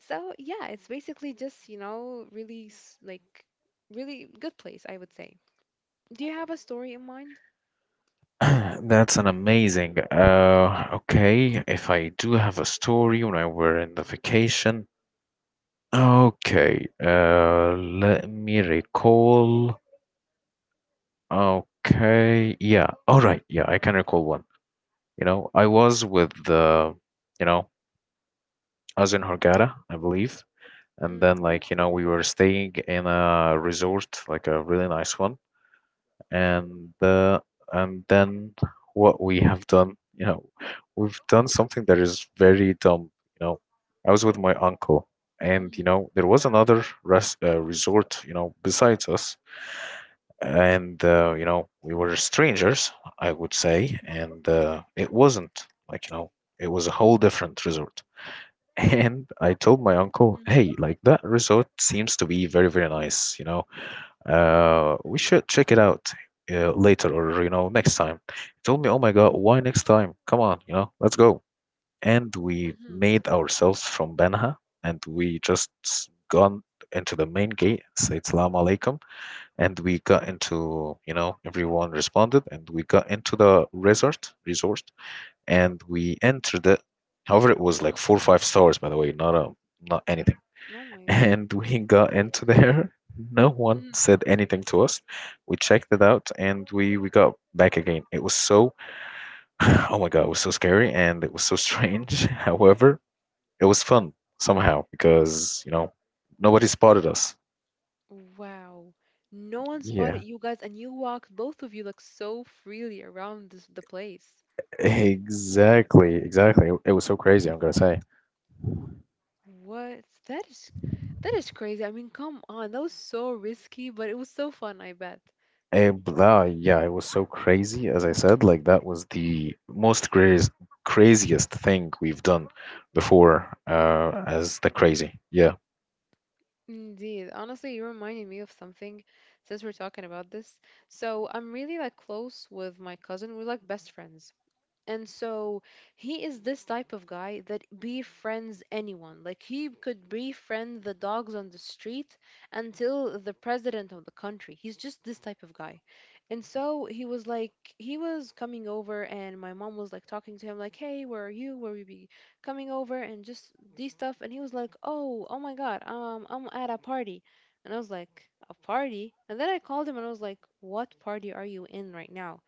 [SPEAKER 2] So yeah, it's basically just, you know, really s- like really good place, I would say. Do you have a story in mind?
[SPEAKER 1] That's an amazing. Uh, okay, if I do have a story when I were in the vacation. Okay, uh, let me recall. Okay, yeah, all right, yeah, I can recall one. You know, I was with the, you know, I was in Hurghada, I believe, and then
[SPEAKER 2] Mm.
[SPEAKER 1] like you know we were staying in a resort, like a really nice one, and uh, and then what we have done, you know, we've done something that is very dumb. You know, I was with my uncle, and you
[SPEAKER 2] Mm.
[SPEAKER 1] know, there was another rest uh, resort, you know, besides us, and uh, you know, we were strangers, I would say, and uh, it wasn't like you know, it was a whole different resort. And I told my uncle,
[SPEAKER 2] Mm.
[SPEAKER 1] hey, like that resort seems to be very, very nice, you know, uh, we should check it out uh, later or, you know, next time. He told me, oh my God, why next time? Come on, you know, let's go. And we
[SPEAKER 2] Mm.
[SPEAKER 1] made ourselves from Banha, and we just gone into the main gate, said Salaam Alaikum. And we got into, you know, everyone responded and we got into the resort, resort, and we entered it. However, it was like four or five stars, by the way, not a, not anything.
[SPEAKER 2] Oh my God.
[SPEAKER 1] And we got into there. No one
[SPEAKER 2] Mm.
[SPEAKER 1] said anything to us. We checked it out and we, we got back again. It was so, oh my God, it was so scary and it was so strange. However, it was fun somehow because, you know, nobody spotted us.
[SPEAKER 2] Wow. No one spotted
[SPEAKER 1] Yeah,
[SPEAKER 2] you guys and you walked both of you like so freely around this, the place.
[SPEAKER 1] exactly, exactly. It it was so crazy, I'm gonna say.
[SPEAKER 2] What? That is that is crazy. I mean, come on. That was so risky, but it was so fun, I bet.
[SPEAKER 1] Eh, but yeah, it was so crazy, as I said, like that was the most crazy, craziest thing we've done before, uh, as the crazy. Yeah.
[SPEAKER 2] Indeed. Honestly, you reminded me of something since we're talking about this. So, I'm really like close with my cousin. We're like best friends. And so he is this type of guy that befriends anyone. Like he could befriend the dogs on the street until the president of the country. He's just this type of guy. And so he was like, he was coming over, and my mom was like talking to him, like, hey, where are you? Where we be coming over? And just these stuff. And he was like, oh, oh my God, um, I'm at a party. And I was like, a party? And then I called him and I was like, what party are you in right now?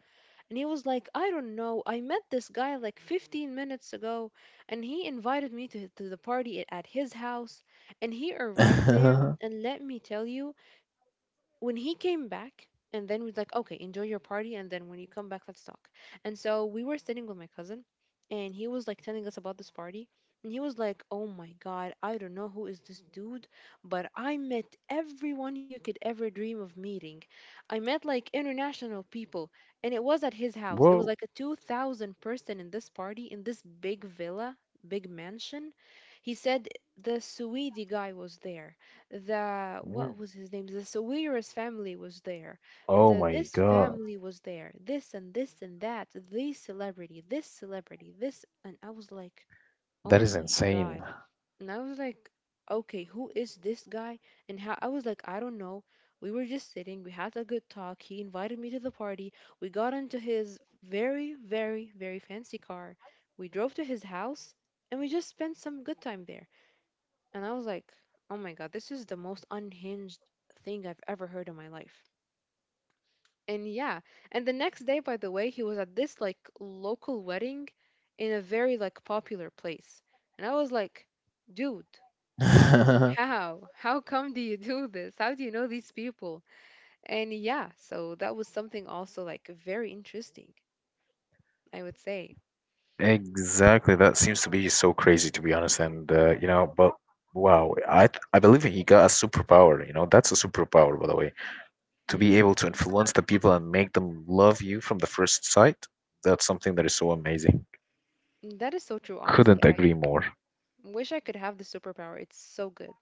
[SPEAKER 2] And he was like, I don't know. I met this guy like fifteen minutes ago, and he invited me to, to the party at at his house. And he arrived there, and let me tell you, when he came back and then was like, okay, enjoy your party and then when you come back let's talk. And so we were sitting with my cousin and he was like telling us about this party. And he was like, oh my God, I don't know who is this dude, but I met everyone you could ever dream of meeting. I met like international people, and it was at his house. It was
[SPEAKER 1] Whoa.
[SPEAKER 2] like a two thousand person in this party in this big villa, big mansion. He said the Swede guy was there, the
[SPEAKER 1] Mm.
[SPEAKER 2] what was his name? The Sawiris family was there.
[SPEAKER 1] Oh
[SPEAKER 2] The
[SPEAKER 1] my
[SPEAKER 2] this
[SPEAKER 1] God.
[SPEAKER 2] family was there. This and this and that. This celebrity. This celebrity. This and I was like, oh
[SPEAKER 1] That is
[SPEAKER 2] my
[SPEAKER 1] insane.
[SPEAKER 2] God. And I was like, okay, who is this guy? And how I was like, I don't know. We were just sitting. We had a good talk. He invited me to the party. We got into his very, very, very fancy car. We drove to his house and we just spent some good time there. And I was like, oh my God, this is the most unhinged thing I've ever heard in my life. And yeah, and the next day, by the way, he was at this like local wedding in a very like popular place. And I was like, dude, how? How come do you do this? How do you know these people? And yeah, so that was something also like very interesting, I would say.
[SPEAKER 1] Exactly. That seems to be so crazy, to be honest. And uh, you know, but wow, I th- I believe he got a superpower. You know, that's a superpower, by the way, to be
[SPEAKER 2] Mm,
[SPEAKER 1] able to influence the people and make them love you from the first sight. That's something that is so amazing.
[SPEAKER 2] that is so true, honestly.
[SPEAKER 1] Couldn't
[SPEAKER 2] I
[SPEAKER 1] agree more.
[SPEAKER 2] wish I could have the superpower. It's so good.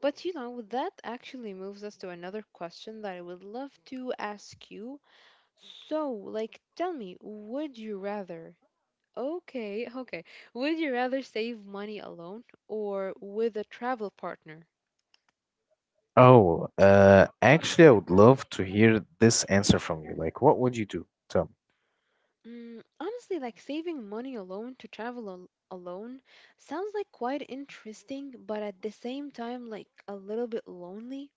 [SPEAKER 2] But you know, that actually moves us to another question that I would love to ask you. So, like, tell me, would you rather, okay, okay, would you rather save money alone or with a travel partner?
[SPEAKER 1] Oh, uh, actually, I would love to hear this answer from you. Like, what would you do? Tell
[SPEAKER 2] Mm, honestly, like saving money alone to travel al alone sounds like quite interesting, but at the same time, like a little bit lonely.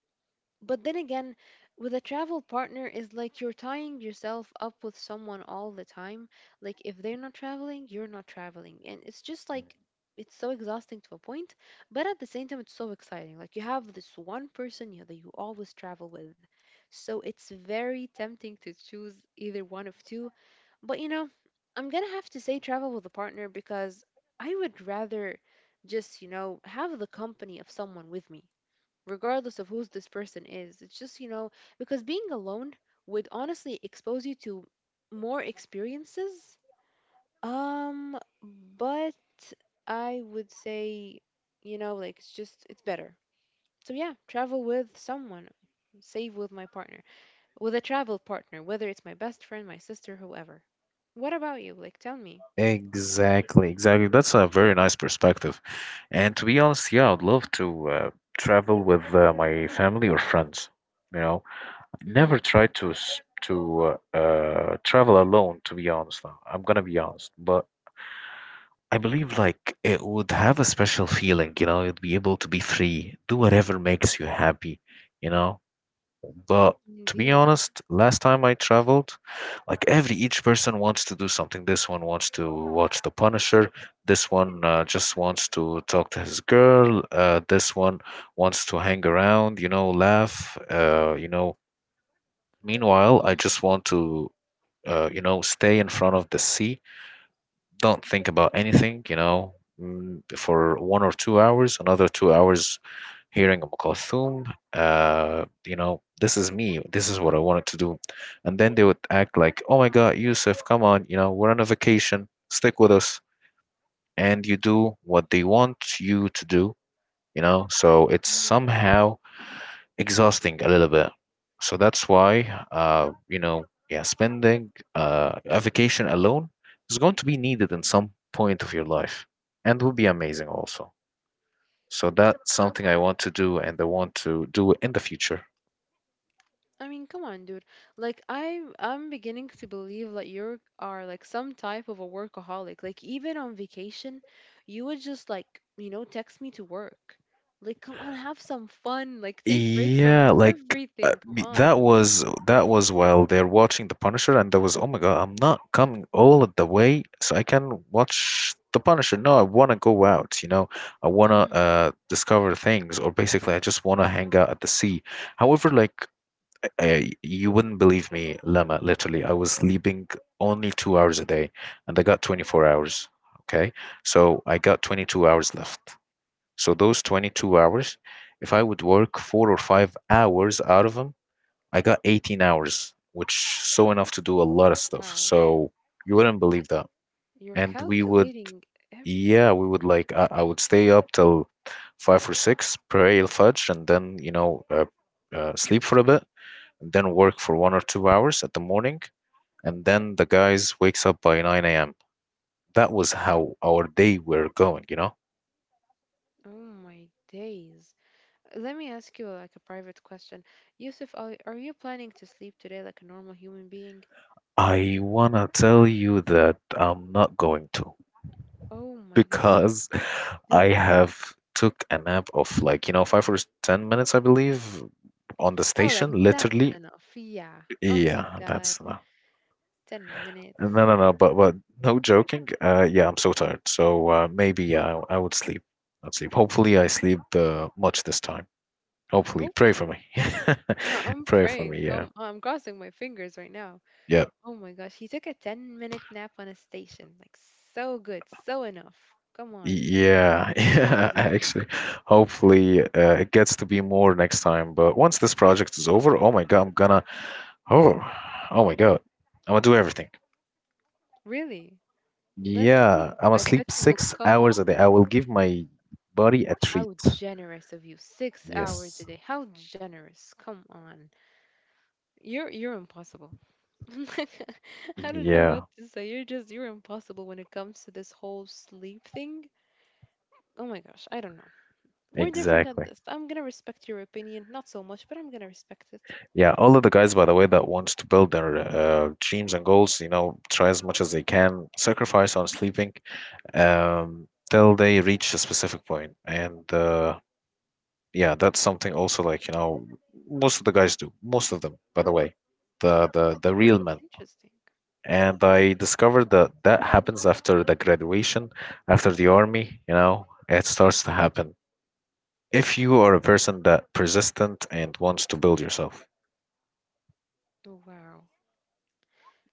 [SPEAKER 2] But then again, with a travel partner is like you're tying yourself up with someone all the time. Like if they're not traveling, you're not traveling. And it's just like it's so exhausting to a point, but at the same time it's so exciting. Like you have this one person you, that you always travel with. So it's very tempting to choose either one of two. But you know, I'm going to have to say travel with a partner because I would rather just, you know, have the company of someone with me regardless of who's this person is. It's just, you know, because being alone would honestly expose you to more experiences. Um, but I would say, you know, like it's just, it's better. So yeah, travel with someone, save with my partner, with a travel partner, whether it's my best friend, my sister, whoever. What about you? Like, tell me.
[SPEAKER 1] exactly, exactly. That's a very nice perspective. And to be honest, yeah, I'd love to uh, travel with uh, my family or friends. You know, I never
[SPEAKER 2] Mm-hmm.
[SPEAKER 1] tried to s- to uh, uh, travel alone. To be honest, now I'm gonna be honest, but I believe like it would have a special feeling. You know, you'd be able to be free, do whatever makes you happy. You know, but to be
[SPEAKER 2] Indeed.
[SPEAKER 1] honest, last time I traveled, like every each person wants to do something. This one wants to watch The Punisher. This one uh, just wants to talk to his girl. Uh, this one wants to hang around, you know, laugh. Uh, you know, meanwhile, I
[SPEAKER 2] Mm-hmm.
[SPEAKER 1] just want to, uh, you know, stay in front of the sea, don't think about anything, you know, mm, for one or two hours, another two hours hearing Umm Kulthum. Uh, you know, this is me. This is what I wanted to do. And then they would act like, oh my God, Yusuf, come on, you know, we're on a vacation. Stick with us. And you do what they want you to do, you know. So it's somehow exhausting a little bit. So that's why, uh, you know, yeah, spending uh, a vacation alone is going to be needed in some point of your life and will be amazing also. So that's something I want to do and I want to do in the future.
[SPEAKER 2] I mean, come on, dude. Like I'm I'm beginning to believe that you are like some type of a workaholic. Like even on vacation, you would just like, you know, text me to work. Like come on, have some fun. Like take break from
[SPEAKER 1] Yeah, like uh,
[SPEAKER 2] everything. Come
[SPEAKER 1] b- that
[SPEAKER 2] on.
[SPEAKER 1] was that was while they're watching The Punisher, and there was, oh my God, I'm not coming all the way, so I can watch The Punisher. No, I want to go out, you know, I want to
[SPEAKER 2] Mhm.
[SPEAKER 1] uh discover things, or basically, I just want to hang out at the sea. However, like uh, you wouldn't believe me, Lama. Literally, I was sleeping only two hours a day, and I got twenty-four hours. Okay, so I got twenty-two hours left. So those twenty-two hours, if I would work four or five hours out of them, I got eighteen hours, which so enough to do a lot of stuff.
[SPEAKER 2] Wow.
[SPEAKER 1] So you wouldn't believe that.
[SPEAKER 2] You're
[SPEAKER 1] And we would,
[SPEAKER 2] calculating everything.
[SPEAKER 1] yeah, we would like, I, I would stay up till five or six, pray al-Fajr, and then, you know, uh, uh, sleep for a bit, and then work for one or two hours at the morning. And then the guys wakes up by nine a m. That was how our day were going, you know?
[SPEAKER 2] Oh my days. Let me ask you like a private question. Yusuf, are, are you planning to sleep today like a normal human being?
[SPEAKER 1] I wanna tell you that I'm not going to
[SPEAKER 2] Oh my God.
[SPEAKER 1] because I
[SPEAKER 2] Dude.
[SPEAKER 1] have took a nap of like, you know, five or ten minutes, I believe, on the
[SPEAKER 2] Oh, like
[SPEAKER 1] station,
[SPEAKER 2] that's
[SPEAKER 1] literally.
[SPEAKER 2] enough. Yeah. Oh my
[SPEAKER 1] Yeah,
[SPEAKER 2] God.
[SPEAKER 1] that's no,
[SPEAKER 2] ten
[SPEAKER 1] no,
[SPEAKER 2] minutes.
[SPEAKER 1] no, no, but but no joking. Uh, yeah, I'm so tired. So uh, maybe I I would sleep. I'd sleep. Hopefully, I sleep uh, much this time. Hopefully, pray for
[SPEAKER 2] Hopefully.
[SPEAKER 1] me.
[SPEAKER 2] I- I'm
[SPEAKER 1] Pray for me.
[SPEAKER 2] praying.
[SPEAKER 1] Yeah,
[SPEAKER 2] I'm, I'm crossing my fingers right now.
[SPEAKER 1] yeah.
[SPEAKER 2] Oh my gosh. He took a ten minute nap on a station. Like, so good. So enough. Come on.
[SPEAKER 1] Yeah,
[SPEAKER 2] What are you
[SPEAKER 1] yeah,
[SPEAKER 2] doing?
[SPEAKER 1] actually. Hopefully, uh, it gets to be more next time. But once this project is over, oh my God, I'm gonna, oh, oh my God, I'm gonna do everything.
[SPEAKER 2] Really? Let's
[SPEAKER 1] Yeah,
[SPEAKER 2] see.
[SPEAKER 1] I'm gonna
[SPEAKER 2] I bet
[SPEAKER 1] sleep
[SPEAKER 2] you will
[SPEAKER 1] six
[SPEAKER 2] come up.
[SPEAKER 1] hours a day. I will give my body a treat.
[SPEAKER 2] How generous of you. Six hours
[SPEAKER 1] Yes.
[SPEAKER 2] a day. How generous. Come on. You're you're impossible. I don't know what
[SPEAKER 1] Yeah,
[SPEAKER 2] to say. You're just you're impossible when it comes to this whole sleep thing. Oh my gosh, I don't know. We're different at
[SPEAKER 1] exactly.
[SPEAKER 2] this. I'm gonna respect your opinion, not so much, but I'm gonna respect it.
[SPEAKER 1] Yeah, all of the guys, by the way, that wants to build their uh, dreams and goals, you know, try as much as they can, sacrifice on sleeping um, till they reach a specific point. And uh, yeah, that's something also like, you know, most of the guys do. Most of them, by the way, the the the real men.
[SPEAKER 2] Interesting.
[SPEAKER 1] And I discovered that that happens after the graduation, after the army, you know, it starts to happen. If you are a person that persistent and wants to build yourself.
[SPEAKER 2] Oh, wow.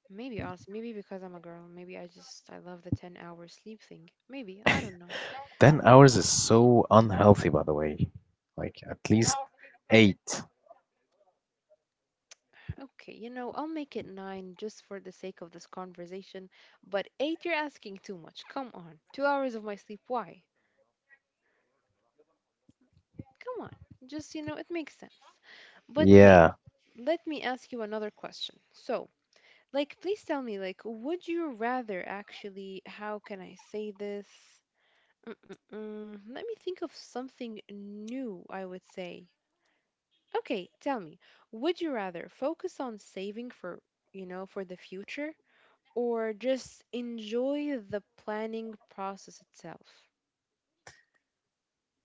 [SPEAKER 2] Maybe honestly, maybe because I'm a girl, maybe I just I love the ten hour sleep thing. Maybe, I don't know.
[SPEAKER 1] ten hours is so unhealthy, by the way. Like at least eight.
[SPEAKER 2] Okay, you know, I'll make it nine just for the sake of this conversation, but eight you're asking too much. Come on. two hours of my sleep, why? Come on. Just, you know, it makes sense. But hey,
[SPEAKER 1] Yeah.
[SPEAKER 2] let me ask you another question. So, like, please tell me, like, would you rather actually, how can I say this? Mm-mm-mm. Let me think of something new, I would say. Okay, tell me, would you rather focus on saving for, you know, for the future or just enjoy the planning process itself?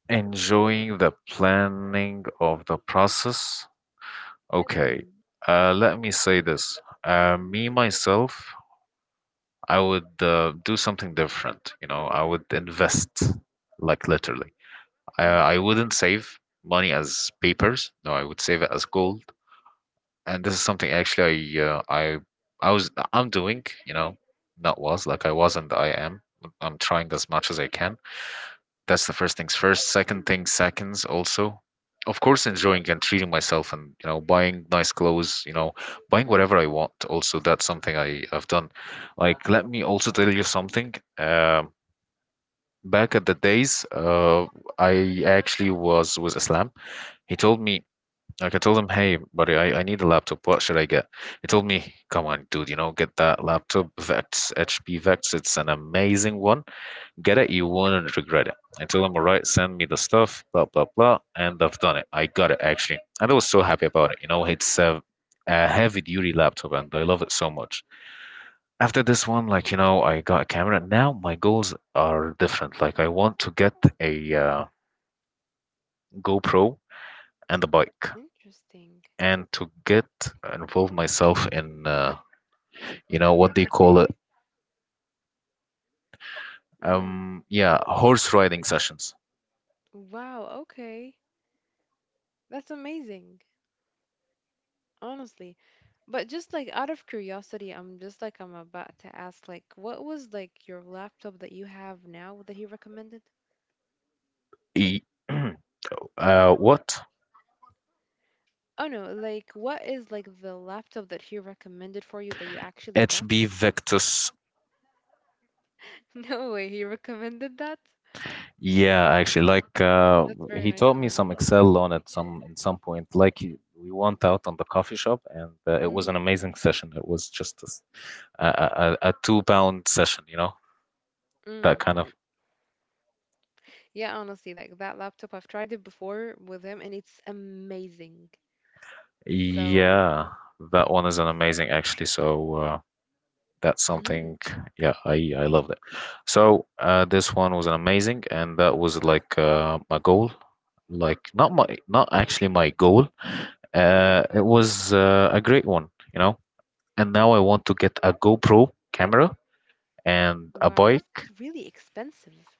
[SPEAKER 1] Enjoying the planning of the process. Okay.
[SPEAKER 2] Mm-hmm.
[SPEAKER 1] Uh, let me say this. Uh, me myself, I would uh, do something different. You know, I would invest, like literally. I,
[SPEAKER 2] Mm-hmm.
[SPEAKER 1] I wouldn't save money as papers. No, I would save it as gold. And this is something actually I uh, I I was I'm doing. You know, not was like I was and I am. I'm trying as much as I can. That's the first things first. Second thing, seconds also. Of course, enjoying and treating myself and, you know, buying nice clothes, you know, buying whatever
[SPEAKER 2] Mm-hmm.
[SPEAKER 1] I want. Also, that's something I, I've done. Like, let me also tell you something. Um, back at the days, uh, I actually was with Islam. He told me, like, I told him, hey, buddy, I, I need a laptop. What should I get? He told me, come on, dude, you know, get that laptop, Vex, H P Vex. It's an amazing one. Get it, you won't regret it. I told him, all right, send me the stuff, blah, blah, blah. And I've done it. I got it, actually. And I was so happy about it. You know, it's a, a heavy duty laptop and I love it so much. After this one, like, you know, I got a camera. Now my goals are different. Like, I want to get a uh, GoPro and a bike
[SPEAKER 2] Interesting.
[SPEAKER 1] and to get involve myself in, uh, you know, what they call it.
[SPEAKER 2] Mm.
[SPEAKER 1] Um, yeah, horse riding sessions.
[SPEAKER 2] Wow, okay. That's amazing. Honestly. But just like out of curiosity, I'm just like I'm about to ask, like, what was like your laptop that you have now that he recommended?
[SPEAKER 1] E- Uh, what?
[SPEAKER 2] Oh no, like what is like the laptop that he recommended for you that you actually got?
[SPEAKER 1] H B Victus.
[SPEAKER 2] No way, he recommended that?
[SPEAKER 1] Yeah, actually, like uh,
[SPEAKER 2] That's very
[SPEAKER 1] he
[SPEAKER 2] nice
[SPEAKER 1] taught
[SPEAKER 2] of
[SPEAKER 1] me
[SPEAKER 2] him.
[SPEAKER 1] some Excel on at some in some point. Like he- we went out on the coffee shop, and uh, it was an
[SPEAKER 2] Mm,
[SPEAKER 1] amazing session. It was just a, s- a, a, a two pound session, you know, that kind of.
[SPEAKER 2] mm. Yeah, honestly, like that laptop, I've tried it before with him and it's amazing. So,
[SPEAKER 1] Yeah, that one is an amazing actually. So. Uh, that's
[SPEAKER 2] hmm.
[SPEAKER 1] something, yeah, i i love it. So uh this one was amazing and that was like uh my goal. Like not my not actually my goal. uh it was uh, a great one, you know. And now I want to get a GoPro camera and a
[SPEAKER 2] Wow, that's
[SPEAKER 1] bike.
[SPEAKER 2] like really expensive.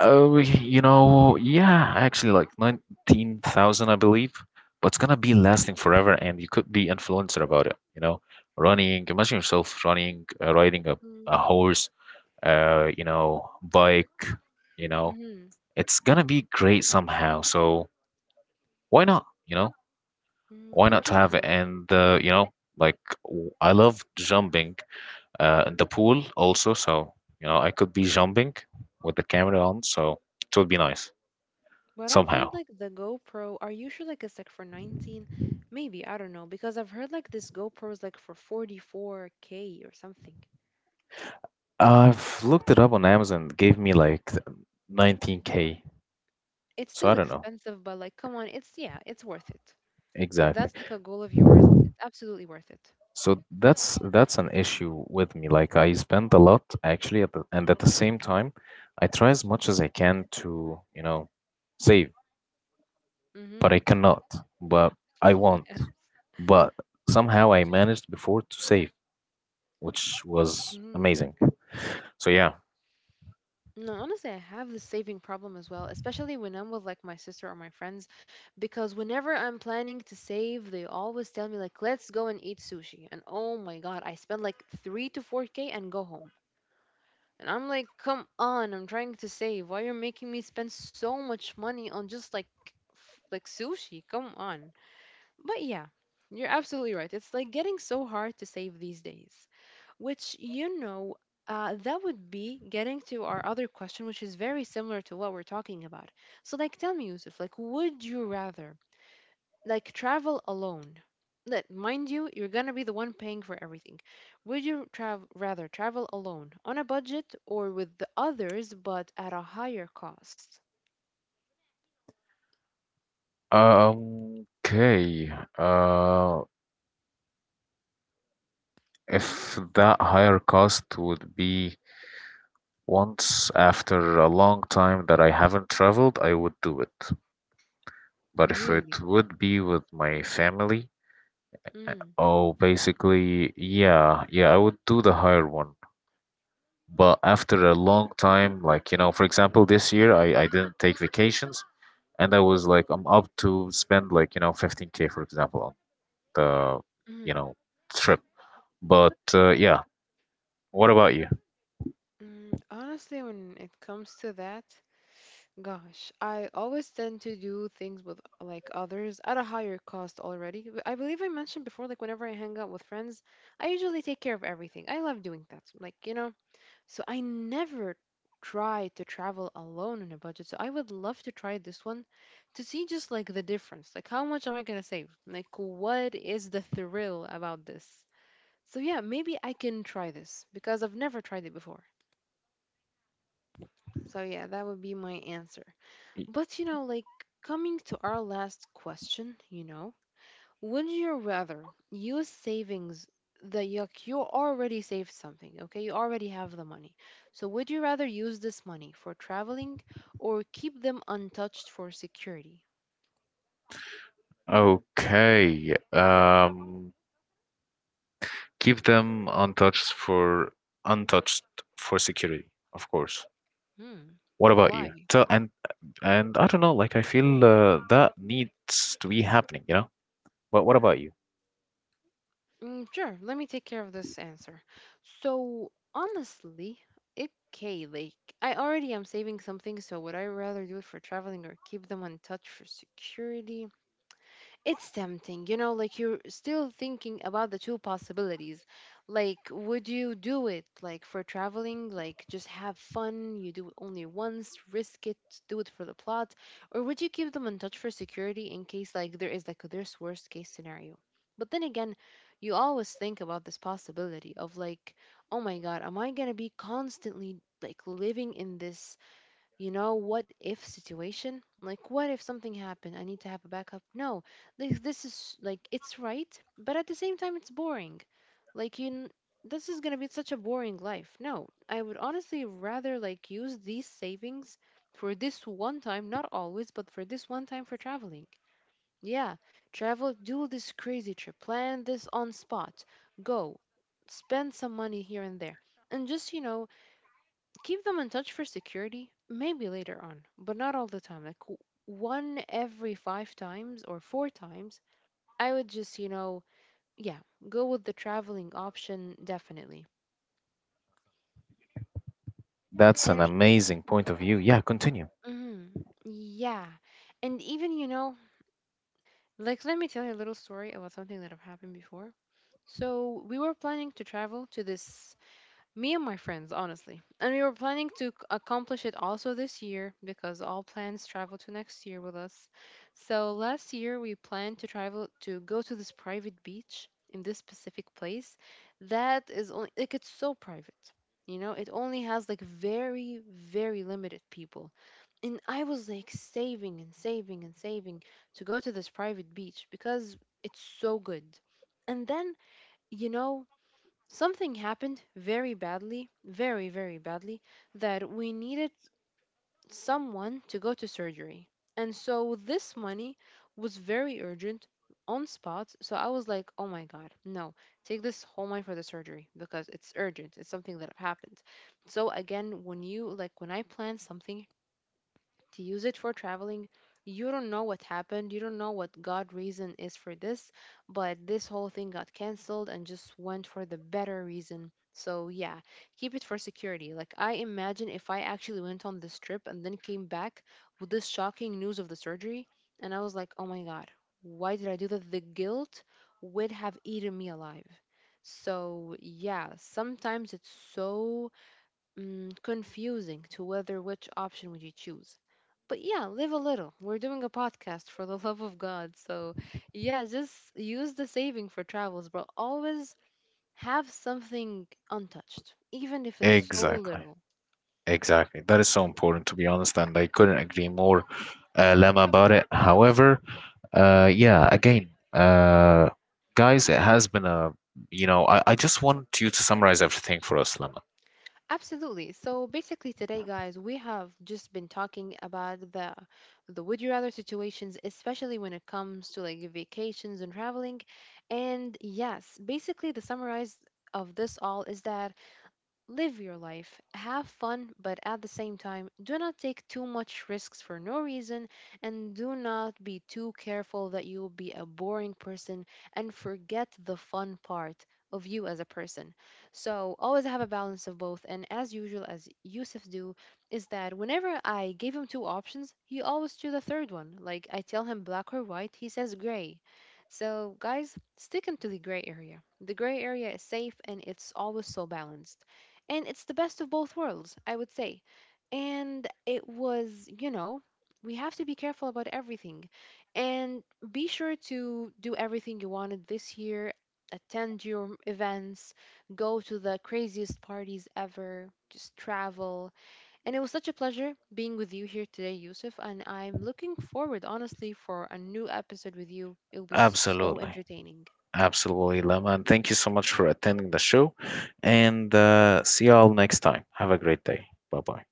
[SPEAKER 1] Oh, you know, yeah, actually, like nineteen thousand, I believe, but it's gonna be lasting forever and you could be influencer about it, you know. Running, imagine yourself running, uh, riding a,
[SPEAKER 2] Mm,
[SPEAKER 1] a horse, uh, you know, bike, you know,
[SPEAKER 2] mm-hmm.
[SPEAKER 1] it's gonna be great somehow. So why not? You know,
[SPEAKER 2] Mm,
[SPEAKER 1] why not to have it?
[SPEAKER 2] interesting.
[SPEAKER 1] And uh, you know, like w- I love jumping uh, in the pool also. So you know, I could be jumping with the camera on. So it would be nice
[SPEAKER 2] But I've heard
[SPEAKER 1] somehow.
[SPEAKER 2] like the GoPro, are you sure like it's like for nineteen? Maybe, I don't know, because I've heard like this GoPro is like for forty-four k or something.
[SPEAKER 1] I've looked it up on Amazon. It gave me like nineteen k.
[SPEAKER 2] It's
[SPEAKER 1] So
[SPEAKER 2] still
[SPEAKER 1] I don't know
[SPEAKER 2] expensive, but like come on, it's, yeah, it's worth it. If that's
[SPEAKER 1] exactly.
[SPEAKER 2] like a goal of yours, it's absolutely worth it.
[SPEAKER 1] So that's that's an issue with me. Like I spend a lot actually, at the, and at the same time, I try as much as I can to, you know, save, but I
[SPEAKER 2] Mhm.
[SPEAKER 1] cannot. But I want.
[SPEAKER 2] Yeah.
[SPEAKER 1] But somehow I managed before to save, which was
[SPEAKER 2] Mhm.
[SPEAKER 1] amazing. So yeah.
[SPEAKER 2] No, honestly, I have this saving problem as well, especially when I'm with like my sister or my friends, because whenever I'm planning to save, they always tell me like, "Let's go and eat sushi." And oh my God, I spend like three to four k and go home. And I'm like, come on, I'm trying to save. Why you're making me spend so much money on just like f- like sushi? Come on. But yeah, you're absolutely right. It's like getting so hard to save these days. Which you know, uh, that would be getting to our other question, which is very similar to what we're talking about. So like, tell me, Yusuf, like, would you rather like travel alone. Let mind you, you're gonna be the one paying for everything. Would you travel rather travel alone on a budget or with the others but at a higher cost?
[SPEAKER 1] Um, okay. Uh, if that higher cost would be once after a long time that I haven't traveled, I would do it. But if
[SPEAKER 2] Really?
[SPEAKER 1] it would be with my family,
[SPEAKER 2] Mm,
[SPEAKER 1] oh, basically, yeah, yeah, I would do the higher one. But after a long time, like, you know, for example, this year I, I didn't take vacations and I was like, I'm up to spend like, you know, fifteen k, for example, on the, you
[SPEAKER 2] mm,
[SPEAKER 1] know, trip. But uh, yeah, what about you?
[SPEAKER 2] mm. Honestly, when it comes to that, gosh, I always tend to do things with like others at a higher cost already. W- I believe I mentioned before, like whenever I hang out with friends, I usually take care of everything. I love doing that. Like, you know, so I never try to travel alone on a budget. So I would love to try this one to see just like the difference. Like how much am I gonna save? Like what is the thrill about this? So yeah, maybe I can try this because I've never tried it before. So yeah, that would be my answer. But you know, like coming to our last question, you know, would you rather use savings that you, ac- you already saved something, okay? You already have the money. So would you rather use this money for traveling or keep them untouched for security?
[SPEAKER 1] Okay. Um, keep them untouched for untouched for security, of course.
[SPEAKER 2] Hmm.
[SPEAKER 1] What about you?
[SPEAKER 2] Why?
[SPEAKER 1] Tell and And I don't know, like I feel uh, that needs to be happening, you know? But what about you?
[SPEAKER 2] Mm, sure, let me take care of this answer. So honestly, it okay, like I already am saving something, so would I rather do it for traveling or keep them untouched for security? It's tempting, you know, like you're still thinking about the two possibilities. Like, would you do it, like, for traveling? Like, just have fun, you do it only once, risk it, do it for the plot? Or would you keep them in touch for security in case, like, there is, like, this worst case scenario? But then again, you always think about this possibility of, like, oh my God, am I gonna be constantly, like, living in this, you know, what if situation? Like what if something happened, I need to have a backup? No, this, this is like it's right, but at the same time it's boring. like you n- this is going to be such a boring life. No, I would honestly rather like use these savings for this one time, not always, but for this one time for traveling. Yeah, travel, do this crazy trip, plan this on spot, go, spend some money here and there, and just, you know, keep them in touch for security, maybe later on, but not all the time. Like w- one every five times or four times, I would just, you know, yeah, go with the traveling option definitely.
[SPEAKER 1] That's an
[SPEAKER 2] And
[SPEAKER 1] amazing point of view. Yeah, continue.
[SPEAKER 2] mm, yeah, and even, you know, like let me tell you a little story about something that have happened before. So we were planning to travel to this me and my friends, honestly. And we were planning to c- accomplish it also this year, because all plans travel to next year with us. So last year we planned to travel to go to this private beach in this specific place that is only like it's so private. You know, it only has like very, very limited people. And I was like saving and saving and saving to go to this private beach because it's so good. And then, you know, something happened very badly, very, very badly, that we needed someone to go to surgery. And so this money was very urgent on spot. So I was like, oh my God, no, take this whole money for the surgery because it's urgent. It's something that happened. So again, when you like, when I plan something to use it for traveling, you don't know what happened. You don't know what God reason is for this, but this whole thing got canceled and just went for the better reason. So yeah, keep it for security. Like I imagine if I actually went on this trip and then came back with this shocking news of the surgery, and I was like, "Oh my God, why did I do that?" The guilt would have eaten me alive. So, yeah, sometimes it's so mm, confusing to whether which option would you choose. But yeah, live a little. We're doing a podcast for the love of God. So yeah, just use the saving for travels, but always have something untouched, even if it's so
[SPEAKER 1] Exactly.
[SPEAKER 2] little.
[SPEAKER 1] Exactly. That is so important, to be honest, and I couldn't agree more, uh, Lama, about it. However, uh, yeah, again, uh, guys, it has been a, you know, I, I just want you to summarize everything for us, Lama.
[SPEAKER 2] Absolutely. So basically today guys, we have just been talking about the the would you rather situations, especially when it comes to like vacations and traveling. And yes, basically the summarize of this all is that live your life, have fun, but at the same time, do not take too much risks for no reason and do not be too careful that you will be a boring person and forget the fun part of you as a person. So, always have a balance of both. And as usual, as Yusuf do, is that whenever I gave him two options, he always choose the third one. Like I tell him black or white, he says gray. So, guys, stick into the gray area. The gray area is safe and it's always so balanced. And it's the best of both worlds, I would say. And it was, you know, we have to be careful about everything. And be sure to do everything you wanted this year. Attend your events, go to the craziest parties ever, just travel. And it was such a pleasure being with you here today, Yusuf. And I'm looking forward, honestly, for a new episode with you. It will be so
[SPEAKER 1] Absolutely.
[SPEAKER 2] entertaining.
[SPEAKER 1] Absolutely, Lama. And thank you so much for attending the show. And uh, see you all next time. Have a great day. Bye bye.